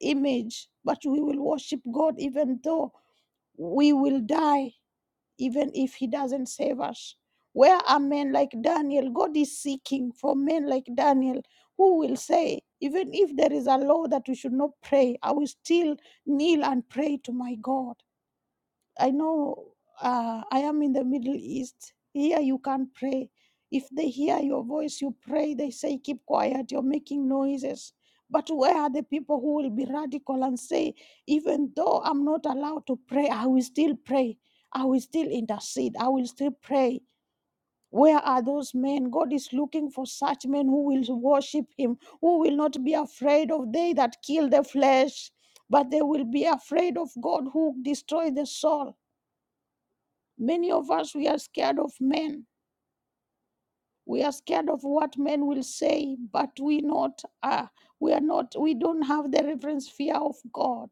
[SPEAKER 2] image, but we will worship God even though we will die, even if He doesn't save us. Where are men like Daniel? God is seeking for men like Daniel who will say, even if there is a law that we should not pray, I will still kneel and pray to my God. I know uh, I am in the Middle East. Here you can't pray. If they hear your voice, you pray. They say, keep quiet, you're making noises. But where are the people who will be radical and say, even though I'm not allowed to pray, I will still pray. I will still intercede. I will still pray. Where are those men? God is looking for such men who will worship Him, who will not be afraid of they that kill the flesh, but they will be afraid of God who destroys the soul. Many of us, we are scared of men. We are scared of what men will say, but we not are. We are not. We don't have the reverence fear of God.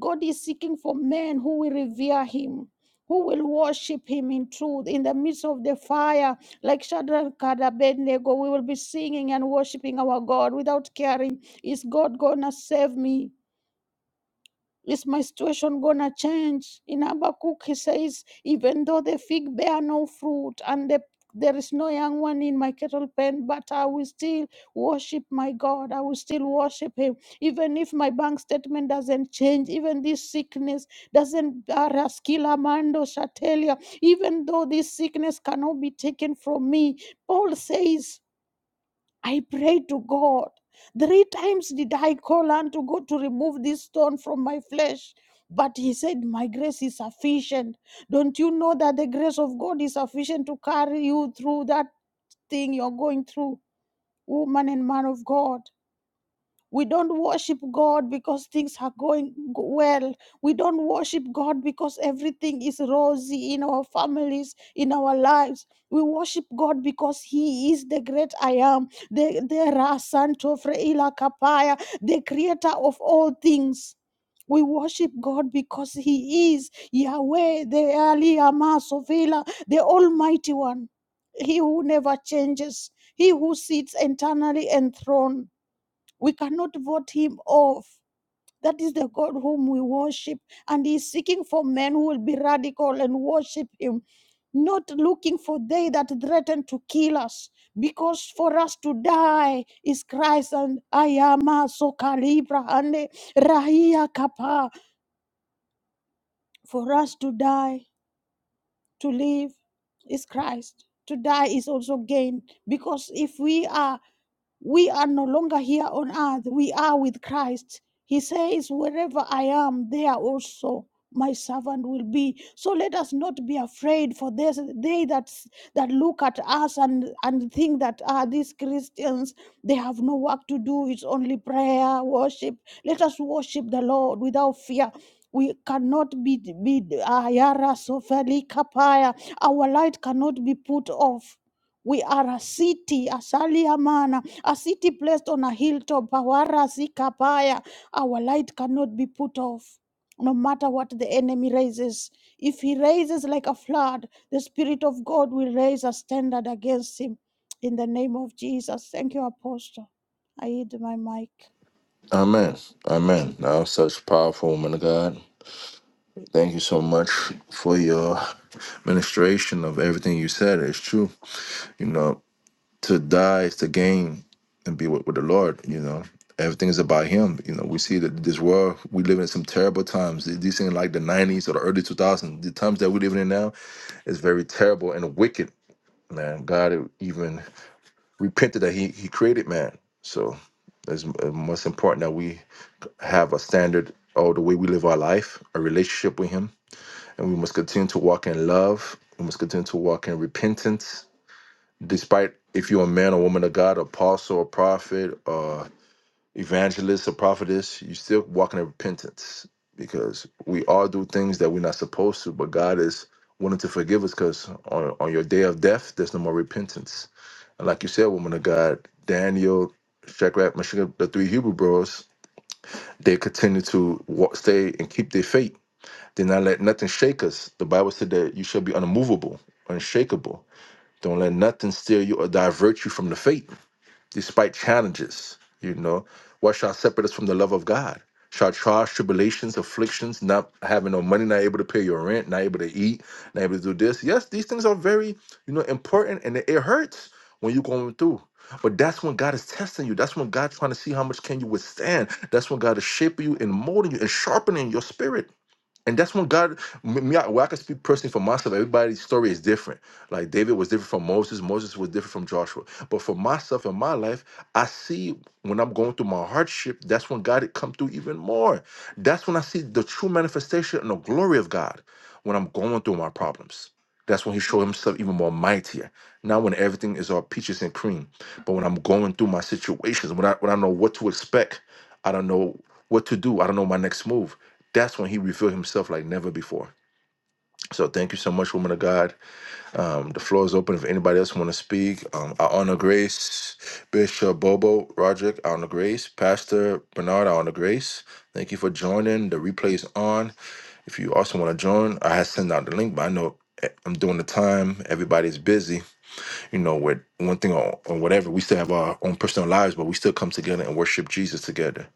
[SPEAKER 2] God is seeking for men who will revere Him, who will worship Him in truth. In the midst of the fire, like Shadrach and Abednego, we will be singing and worshiping our God without caring, is God gonna save me? Is my situation gonna change? In Habakkuk, he says, even though the fig bear no fruit and the there is no young one in my cattle pen, but I will still worship my God. I will still worship Him. Even if my bank statement doesn't change, even this sickness doesn't, Araskila Mando Shatelia, even though this sickness cannot be taken from me, Paul says. I prayed to God. Three times did I call unto God to remove this stone from my flesh. But he said, My grace is sufficient. Don't you know that the grace of God is sufficient to carry you through that thing you're going through, woman and man of God? We don't worship God because things are going g- well. We don't worship God because everything is rosy in our families, in our lives. We worship God because He is the great I am, the, the Rasanto Freila Kapaya, the creator of all things. We worship God because He is Yahweh, the Ali Amasovela, the Almighty One, He who never changes, He who sits eternally enthroned. We cannot vote him off. That is the God whom we worship. And he is seeking for men who will be radical and worship him, not looking for they that threaten to kill us. Because for us to die is Christ and Ayama, am sokalibra and rahia kapa. For us to die, to live is Christ. To die is also gain. Because if we are we are no longer here on earth, we are with Christ. He says, Wherever I am, there also my servant will be. So let us not be afraid for there's they that that look at us and, and think that ah these Christians they have no work to do. It's only prayer, worship. Let us worship the Lord without fear. We cannot be be ayara sofeli kapaya. Our light cannot be put off. We are a city, a saliamana. A city placed on a hilltop, Pawara Sikapaya, our light cannot be put off. No matter what the enemy raises, if he raises like a flood, the Spirit of God will raise a standard against him. In the name of Jesus. Thank you, Apostle. I yield my mic.
[SPEAKER 1] Amen. Amen. Now, such powerful woman of God. Thank you so much for your ministration of everything you said. It's true. You know, to die is to gain and be with, with the Lord, you know. Everything is about him. You know, we see that this world, we live in some terrible times. These things like the 90s or the early 2000s, the times that we're living in now is very terrible and wicked man. God even repented that He He created man. So it's uh, most important that we have a standard of the way we live our life, a relationship with Him, and we must continue to walk in love. We must continue to walk in repentance, despite if you're a man or woman of God, apostle or prophet or evangelist or prophetess, you still walking in repentance because we all do things that we're not supposed to, but God is willing to forgive us because on, on your day of death, there's no more repentance like you said, woman of God, Daniel, Shadrach, Meshach, the three Hebrew bros, they continue to walk, stay and keep their faith. Did not let nothing shake us. The Bible said that you shall be unmovable, unshakable. Don't let nothing steer you or divert you from the faith despite challenges. You know, what shall separate us from the love of God? Shall trials, tribulations, afflictions, not having no money, not able to pay your rent, not able to eat, not able to do this? Yes, these things are very, you know, important, and it it hurts when you're going through. But that's when God is testing you. That's when God's trying to see how much can you withstand. That's when God is shaping you and molding you and sharpening your spirit and that's when God, me, I, well, I can speak personally for myself. Everybody's story is different. Like David was different from Moses. Moses was different from Joshua. But for myself in my life, I see when I'm going through my hardship, that's when God had come through even more. That's when I see the true manifestation and the glory of God when I'm going through my problems. That's when he showed himself even more mightier. Not when everything is all peaches and cream, but when I'm going through my situations, when I when I know what to expect. I don't know what to do. I don't know my next move. That's when he revealed himself like never before. So thank you so much, woman of God. Um, the floor is open if anybody else want to speak. Um, I honor Grace, Bishop Bobo, Roderick, I honor Grace, Pastor Bernard, I honor Grace. Thank you for joining. The replay is on. If you also want to join, I have sent out the link, but I know eh, I'm doing the time. Everybody's busy, you know, with one thing or, or whatever. We still have our own personal lives, but we still come together and worship Jesus together.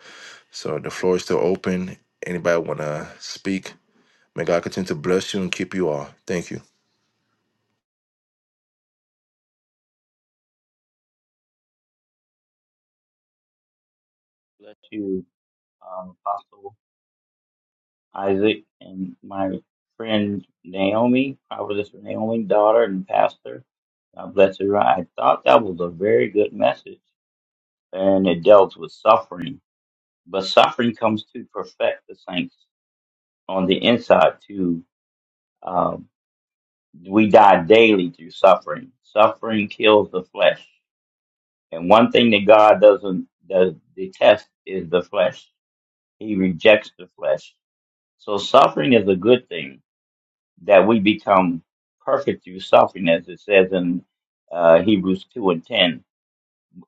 [SPEAKER 1] So the floor is still open. Anybody want to speak? May God continue to bless you and keep you all. Thank you.
[SPEAKER 5] bless you, um, Apostle Isaac, and my friend Naomi, Prophetess Naomi, daughter and pastor. God bless her. I thought that was a very good message, and it dealt with suffering. But suffering comes to perfect the saints on the inside. To um, we die daily through suffering. Suffering kills the flesh, and one thing that God doesn't does detest is the flesh. He rejects the flesh. So suffering is a good thing that we become perfect through suffering, as it says in uh, Hebrews 2 and 10.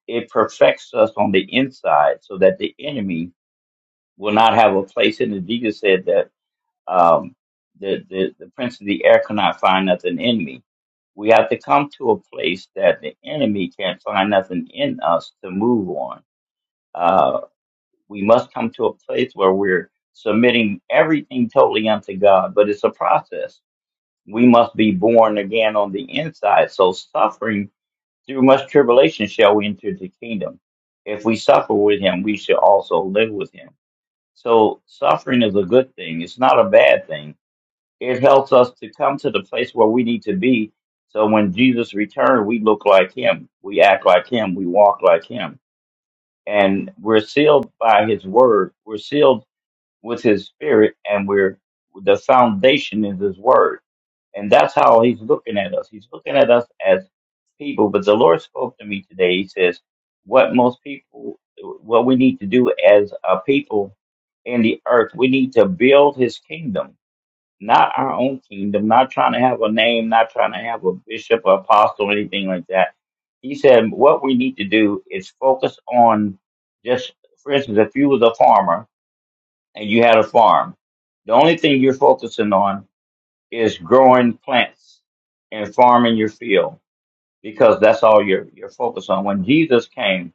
[SPEAKER 5] It perfects us on the inside so that the enemy will not have a place in it. Jesus said that um, the, the, the prince of the air cannot find nothing in me. We have to come to a place that the enemy can't find nothing in us to move on. Uh, we must come to a place where we're submitting everything totally unto God, but it's a process we must be born again on the inside. So suffering through much tribulation shall we enter the kingdom. If we suffer with him, we shall also live with him. So suffering is a good thing. It's not a bad thing. It helps us to come to the place where we need to be. So when Jesus returns, we look like him. We act like him. We walk like him. And we're sealed by his word. We're sealed with his spirit and we're the foundation is his word and that's how he's looking at us. He's looking at us as people. But the Lord spoke to me today. He says, what most people, what we need to do as a people in the earth, we need to build his kingdom, not our own kingdom, not trying to have a name, not trying to have a bishop or apostle or anything like that. He said, what we need to do is focus on just, for instance, if you was a farmer and you had a farm, the only thing you're focusing on is growing plants and farming your field because that's all you're you're focused on. When Jesus came,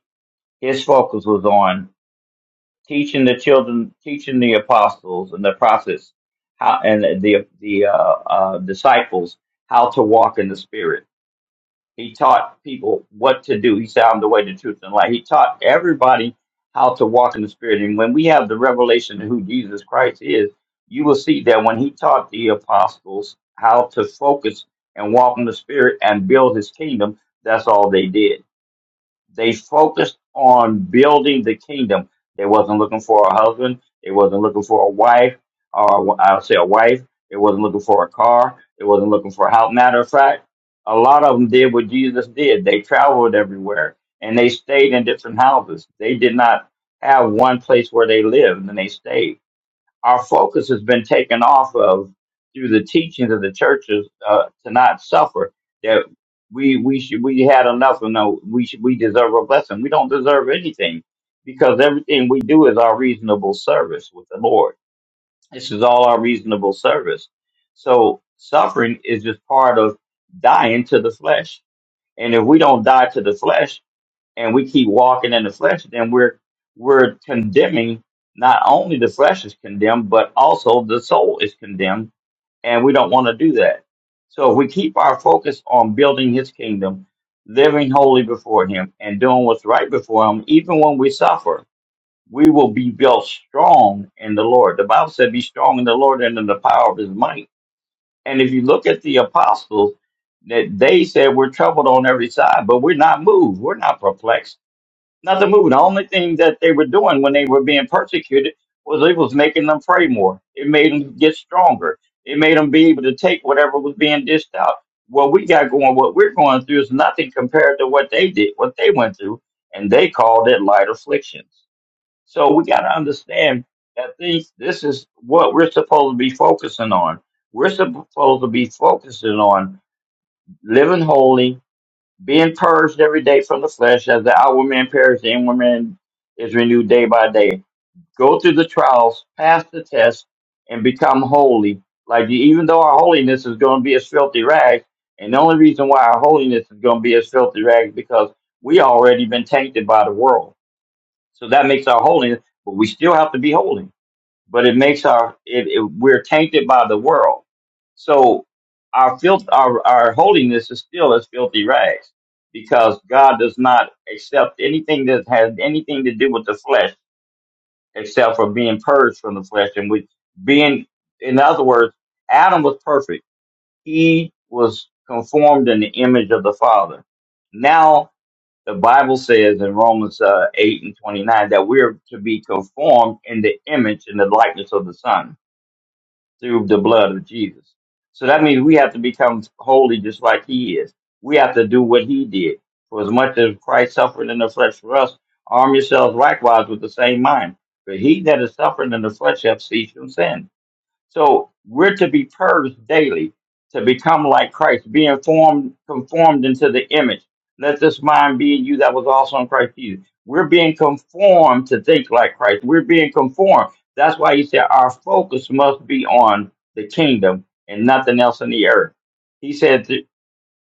[SPEAKER 5] his focus was on teaching the children, teaching the apostles and the prophets how and the the uh, uh, disciples how to walk in the spirit he taught people what to do. He said, I'm the way, the truth, and the life. He taught everybody how to walk in the Spirit. And when we have the revelation of who Jesus Christ is, you will see that when he taught the apostles how to focus and walk in the Spirit and build his kingdom, that's all they did. They focused on building the kingdom. They wasn't looking for a husband. They wasn't looking for a wife, or I'll say a wife. They wasn't looking for a car. They wasn't looking for a house. Matter of fact, a lot of them did what Jesus did. They traveled everywhere and they stayed in different houses. They did not have one place where they lived and they stayed our focus has been taken off of through the teachings of the churches uh, to not suffer. That we we should we had enough and no we should, we deserve a blessing. We don't deserve anything because everything we do is our reasonable service with the Lord. This is all our reasonable service. So suffering is just part of dying to the flesh. And if we don't die to the flesh, and we keep walking in the flesh, then we're we're condemning not only the flesh is condemned, but also the soul is condemned, and we don't want to do that. So if we keep our focus on building his kingdom, living holy before him, and doing what's right before him, even when we suffer, we will be built strong in the Lord. The Bible said, Be strong in the Lord and in the power of his might. And if you look at the apostles, that they said we're troubled on every side, but we're not moved. We're not perplexed Nothing moved. The only thing that they were doing when they were being persecuted was it was making them pray more. It made them get stronger. It made them be able to take whatever was being dished out. What we got going, what we're going through is nothing compared to what they did, what they went through, and they called it light afflictions. So we got to understand that these, this is what we're supposed to be focusing on. We're supposed to be focusing on living holy, being purged every day from the flesh, as the outward man perishes, the inward man is renewed day by day. Go through the trials, pass the test, and become holy. Like even though our holiness is going to be as filthy rags, and the only reason why our holiness is going to be as filthy rags because we already been tainted by the world. So that makes our holiness, but we still have to be holy but it makes our it, it we're tainted by the world. So our filth our, our holiness is still as filthy rags because God does not accept anything that has anything to do with the flesh except for being purged from the flesh and with being in other words, Adam was perfect. He was conformed in the image of the Father. Now the Bible says in Romans uh, 8 and 29 that we're to be conformed in the image and the likeness of the Son through the blood of Jesus. So that means we have to become holy just like he is. We have to do what he did. For as much as Christ suffered in the flesh for us, arm yourselves likewise with the same mind. For he that is suffering in the flesh hath ceased from sin so we're to be purged daily to become like Christ, being formed, conformed into the image. Let this mind be in you that was also in Christ Jesus. We're being conformed to think like Christ. We're being conformed. That's why he said our focus must be on the kingdom and nothing else in the earth. He said,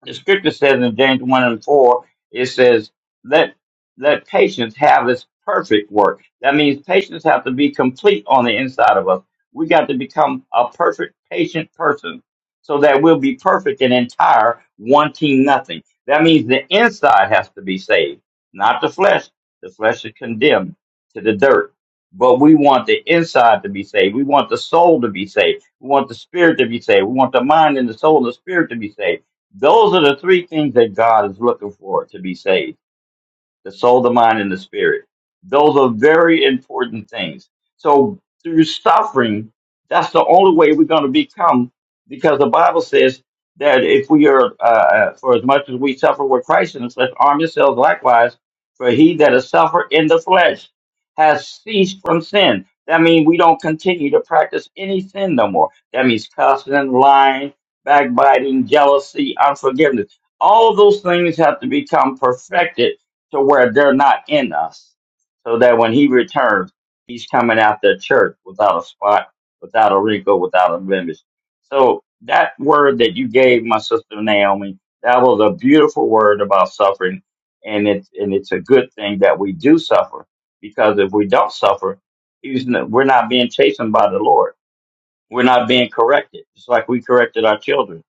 [SPEAKER 5] the scripture says in James 1 and 4, it says, let, let patience have its perfect work. That means patience have to be complete on the inside of us. We got to become a perfect patient person so that we'll be perfect and entire, wanting nothing. That means the inside has to be saved, not the flesh. The flesh is condemned to the dirt. But we want the inside to be saved. We want the soul to be saved. We want the spirit to be saved. We want the mind and the soul and the spirit to be saved those are the three things that God is looking for to be saved the soul, the mind, and the spirit. Those are very important things. So through suffering, that's the only way we're going to become, because the Bible says that if we are, uh, uh, for as much as we suffer with Christ in the flesh, arm yourselves likewise, for he that has suffered in the flesh has ceased from sin. That means we don't continue to practice any sin no more. That means cussing, lying, backbiting, jealousy, unforgiveness. All of those things have to become perfected to where they're not in us, so that when he returns, he's coming after the church without a spot, without a wrinkle, without a blemish. So that word that you gave my sister Naomi, that was a beautiful word about suffering, and it's and it's a good thing that we do suffer because if we don't suffer, he's n- we're not being chastened by the Lord. We're not being corrected. It's like we corrected our children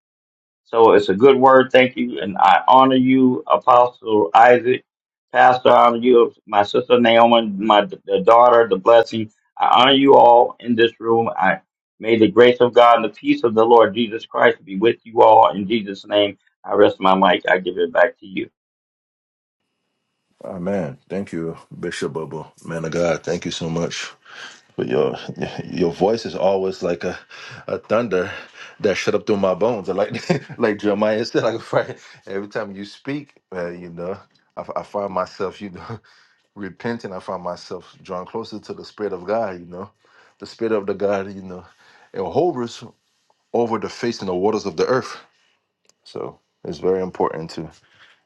[SPEAKER 5] so it's a good word. Thank you. And I honor you, Apostle Isaac. Pastor, I honor you, my sister Naomi, my the daughter, the blessing. I honor you all in this room. I may the grace of God and the peace of the Lord Jesus Christ be with you all. In Jesus' name, I rest my mic. I give it back to you.
[SPEAKER 1] Amen. Thank you, Bishop Bubble. Man of God, thank you so much. But your your voice is always like a, a thunder that shut up through my bones. I like like Jeremiah said, like fire. every time you speak, uh, you know, I, I find myself, you know, repenting. I find myself drawn closer to the Spirit of God. You know, the Spirit of the God, you know, it hovers over the face and the waters of the earth. So it's very important to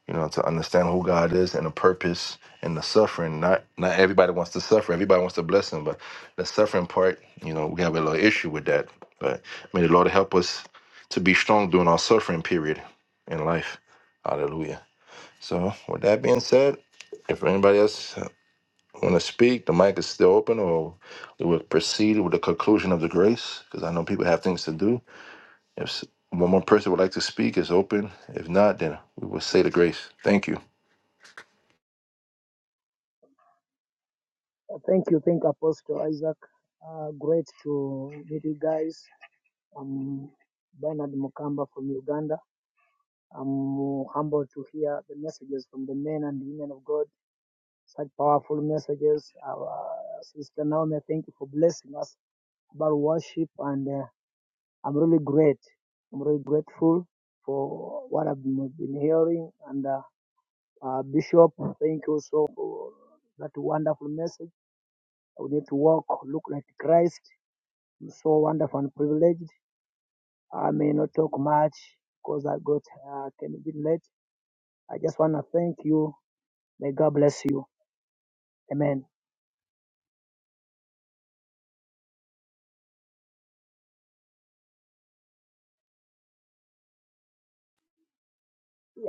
[SPEAKER 1] you know to understand who God is and the purpose and the suffering. Not not everybody wants to suffer. Everybody wants the blessing, but the suffering part, you know, we have a little issue with that. But may the Lord help us to be strong during our suffering period in life. Hallelujah. So with that being said, if anybody else want to speak, the mic is still open, or we will proceed with the conclusion of the grace because I know people have things to do. If s- one more person would like to speak, it's open. If not, then we will say the grace. Thank you.
[SPEAKER 6] Thank you, thank Apostle Isaac. Uh, great to meet you guys. I'm Bernard Mukamba from Uganda. I'm humbled to hear the messages from the men and women of God. Such powerful messages. Our sister Naomi, thank you for blessing us about worship, and uh, I'm really great. I'm really grateful for what I've been been hearing. And uh, uh, Bishop, thank you so for that wonderful message. We need to walk, look like Christ so wonderful and privileged. I may not talk much because I got uh, can bit late. I just want to thank you. May God bless you. Amen.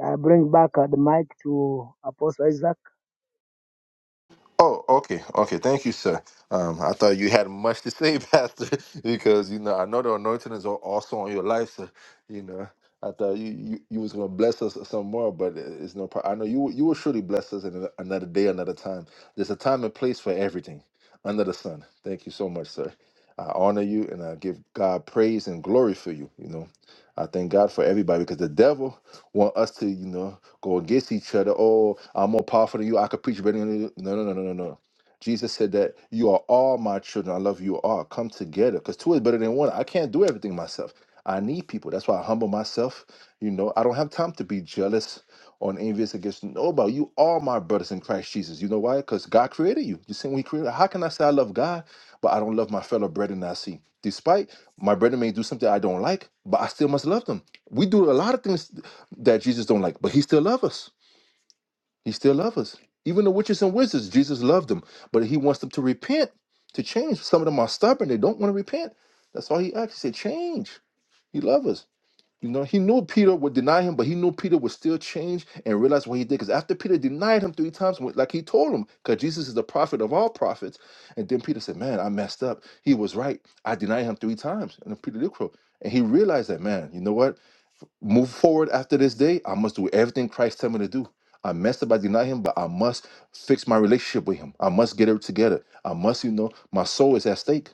[SPEAKER 6] I bring back uh, the mic to Apostle Isaac.
[SPEAKER 1] Oh, okay, okay. Thank you, sir. Um, I thought you had much to say, Pastor, because you know I know the anointing is al- also on your life, sir. You know, I thought you you, you was gonna bless us some more, but it- it's no problem. I know you will- you will surely bless us in ano- another day, another time. There's a time and place for everything under the sun. Thank you so much, sir. I honor you and I give God praise and glory for you. You know, I thank God for everybody because the devil want us to, you know, go against each other. Oh, I'm more powerful than you. I could preach better than you. No, no, no, no, no, no. Jesus said that you are all my children. I love you all. Come together because two is better than one. I can't do everything myself. I need people. That's why I humble myself. You know, I don't have time to be jealous or envious against nobody. You are my brothers in Christ Jesus. You know why? Because God created you. You see, when He created, how can I say I love God, but I don't love my fellow brethren I see? Despite my brethren may do something I don't like, but I still must love them. We do a lot of things that Jesus don't like, but He still loves us. He still loves us. Even the witches and wizards, Jesus loved them, but he wants them to repent, to change. Some of them are stubborn; they don't want to repent. That's all he asked. He said, "Change." He loves us. You know, he knew Peter would deny him, but he knew Peter would still change and realize what he did. Because after Peter denied him three times, wh- like he told him, because Jesus is the prophet of all prophets, and then Peter said, "Man, I messed up. He was right. I denied him three times." And then Peter did crow, and he realized that, man, you know what? move forward after this day, I must do everything Christ tell me to do. I messed up, I deny him, but I must fix my relationship with him. I must get it together. I must, you know, my soul is at stake.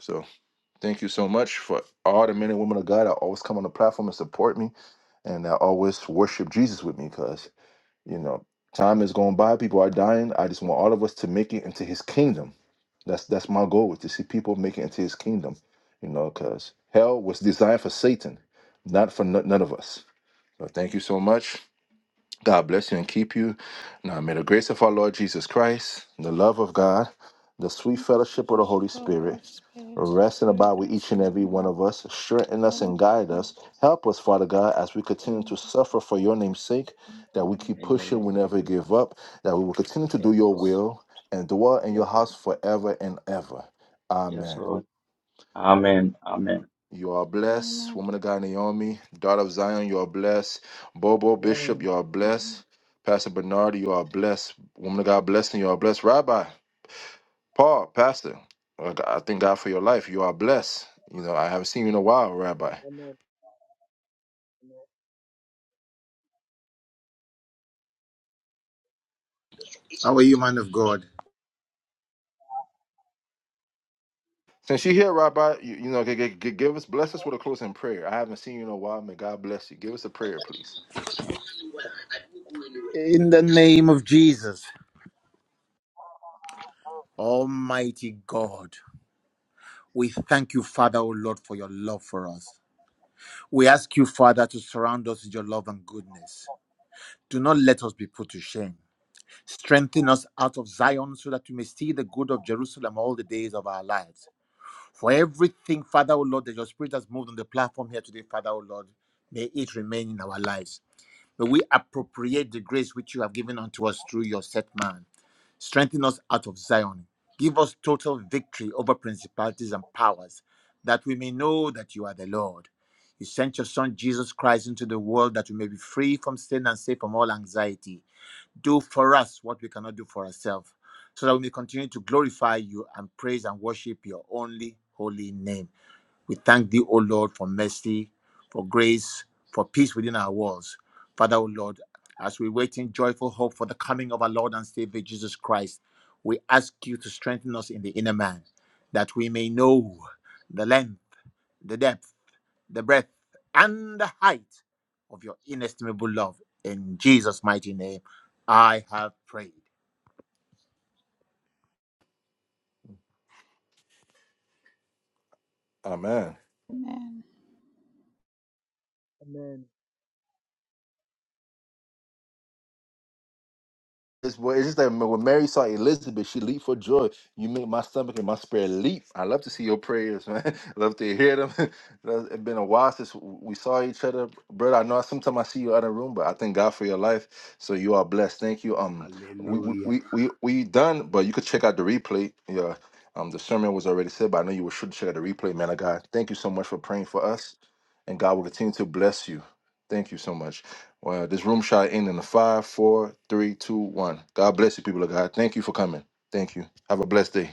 [SPEAKER 1] So thank you so much for all the men and women of God that always come on the platform and support me and that always worship Jesus with me because, you know, time is going by, people are dying. I just want all of us to make it into his kingdom. That's that's my goal is to see people make it into his kingdom, you know, because hell was designed for Satan, not for n- none of us well, thank you so much. God bless you and keep you. Now, may the grace of our Lord Jesus Christ, the love of God, the sweet
[SPEAKER 2] And the
[SPEAKER 1] fellowship of the
[SPEAKER 2] fellowship
[SPEAKER 1] Holy
[SPEAKER 2] of the
[SPEAKER 1] Spirit
[SPEAKER 2] Holy Spirit
[SPEAKER 1] rest and
[SPEAKER 2] be
[SPEAKER 1] abide
[SPEAKER 2] with
[SPEAKER 1] with
[SPEAKER 2] us
[SPEAKER 1] each and
[SPEAKER 2] now,
[SPEAKER 1] every one of us, strengthen us and guide
[SPEAKER 2] forevermore.
[SPEAKER 1] us. Help us, Father God, as we continue to suffer for your name's sake, that we keep
[SPEAKER 5] In your
[SPEAKER 1] pushing, we
[SPEAKER 5] name, of
[SPEAKER 1] never
[SPEAKER 5] Jesus.
[SPEAKER 1] give up, that we will continue to
[SPEAKER 5] Yes,
[SPEAKER 1] do your
[SPEAKER 5] Lord.
[SPEAKER 1] will and dwell in
[SPEAKER 5] Yes,
[SPEAKER 1] your
[SPEAKER 5] Lord.
[SPEAKER 1] house forever and ever.
[SPEAKER 5] Yes,
[SPEAKER 1] Amen.
[SPEAKER 5] Lord. Amen. Amen.
[SPEAKER 1] You are blessed.
[SPEAKER 2] Amen.
[SPEAKER 1] Woman of God, Naomi, daughter of Zion, you are blessed. Bobo Bishop,
[SPEAKER 6] Amen.
[SPEAKER 1] you are
[SPEAKER 2] Amen.
[SPEAKER 1] blessed. Pastor Bernard, you are blessed. Woman of God, blessing, you are blessed. Rabbi, Paul, Pastor, I I thank God for your life. You are blessed. You know, I haven't seen you in a while, Rabbi.
[SPEAKER 6] Amen.
[SPEAKER 7] How are you, man of God?
[SPEAKER 1] Since you're here, Rabbi, you, you know, g- g- g- give us, bless us with a closing prayer. I haven't seen you in a while. May God bless you. Give us a prayer, please.
[SPEAKER 7] In the name of Jesus, Almighty God, we thank you, Father, O Lord, for your love for us. We ask you, Father, to surround us with your love and goodness. Do not let us be put to shame. Strengthen us out of Zion so that we may see the good of Jerusalem all the days of our lives. For everything, Father, O Lord, that your Spirit has moved on the platform here today, Father, O Lord, may it remain in our lives. May we appropriate the grace which you have given unto us through your set man. Strengthen us out of Zion. Give us total victory over principalities and powers, that we may know that you are the Lord. You sent your Son Jesus Christ into the world that we may be free from sin and safe from all anxiety. Do for us what we cannot do for ourselves, so that we may continue to glorify you and praise and worship your only holy name. We thank thee, O Lord, for mercy, for grace, for peace within our walls. Father, O Lord, as we wait in joyful hope for the coming of our Lord and Savior Jesus Christ, we ask you to strengthen us in the inner man, that we may know the length, the depth, the breadth, and the height of your inestimable love. In Jesus' mighty name, I have prayed.
[SPEAKER 1] Amen.
[SPEAKER 2] Amen.
[SPEAKER 6] Amen.
[SPEAKER 1] It's, well, it's just that when Mary saw Elizabeth, she leaped for joy. You make my stomach and my spirit leap. I love to see your prayers, man. I love to hear them. it's been a while since we saw each other, brother. I know sometimes I see you out of the room, but I thank God for your life. So you are blessed. Thank you. Um, we we
[SPEAKER 7] Hallelujah.
[SPEAKER 1] we we, we done, but you could check out the replay. Yeah. Um, the sermon was already said, but I know you should check out the replay, man of God. Thank you so much for praying for us, and God will continue to bless you. Thank you so much. Well, this room shot in in a five, four, three, two, one. God bless you, people of God. Thank you for coming. Thank you. Have a blessed day,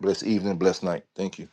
[SPEAKER 1] blessed evening, blessed night. Thank you.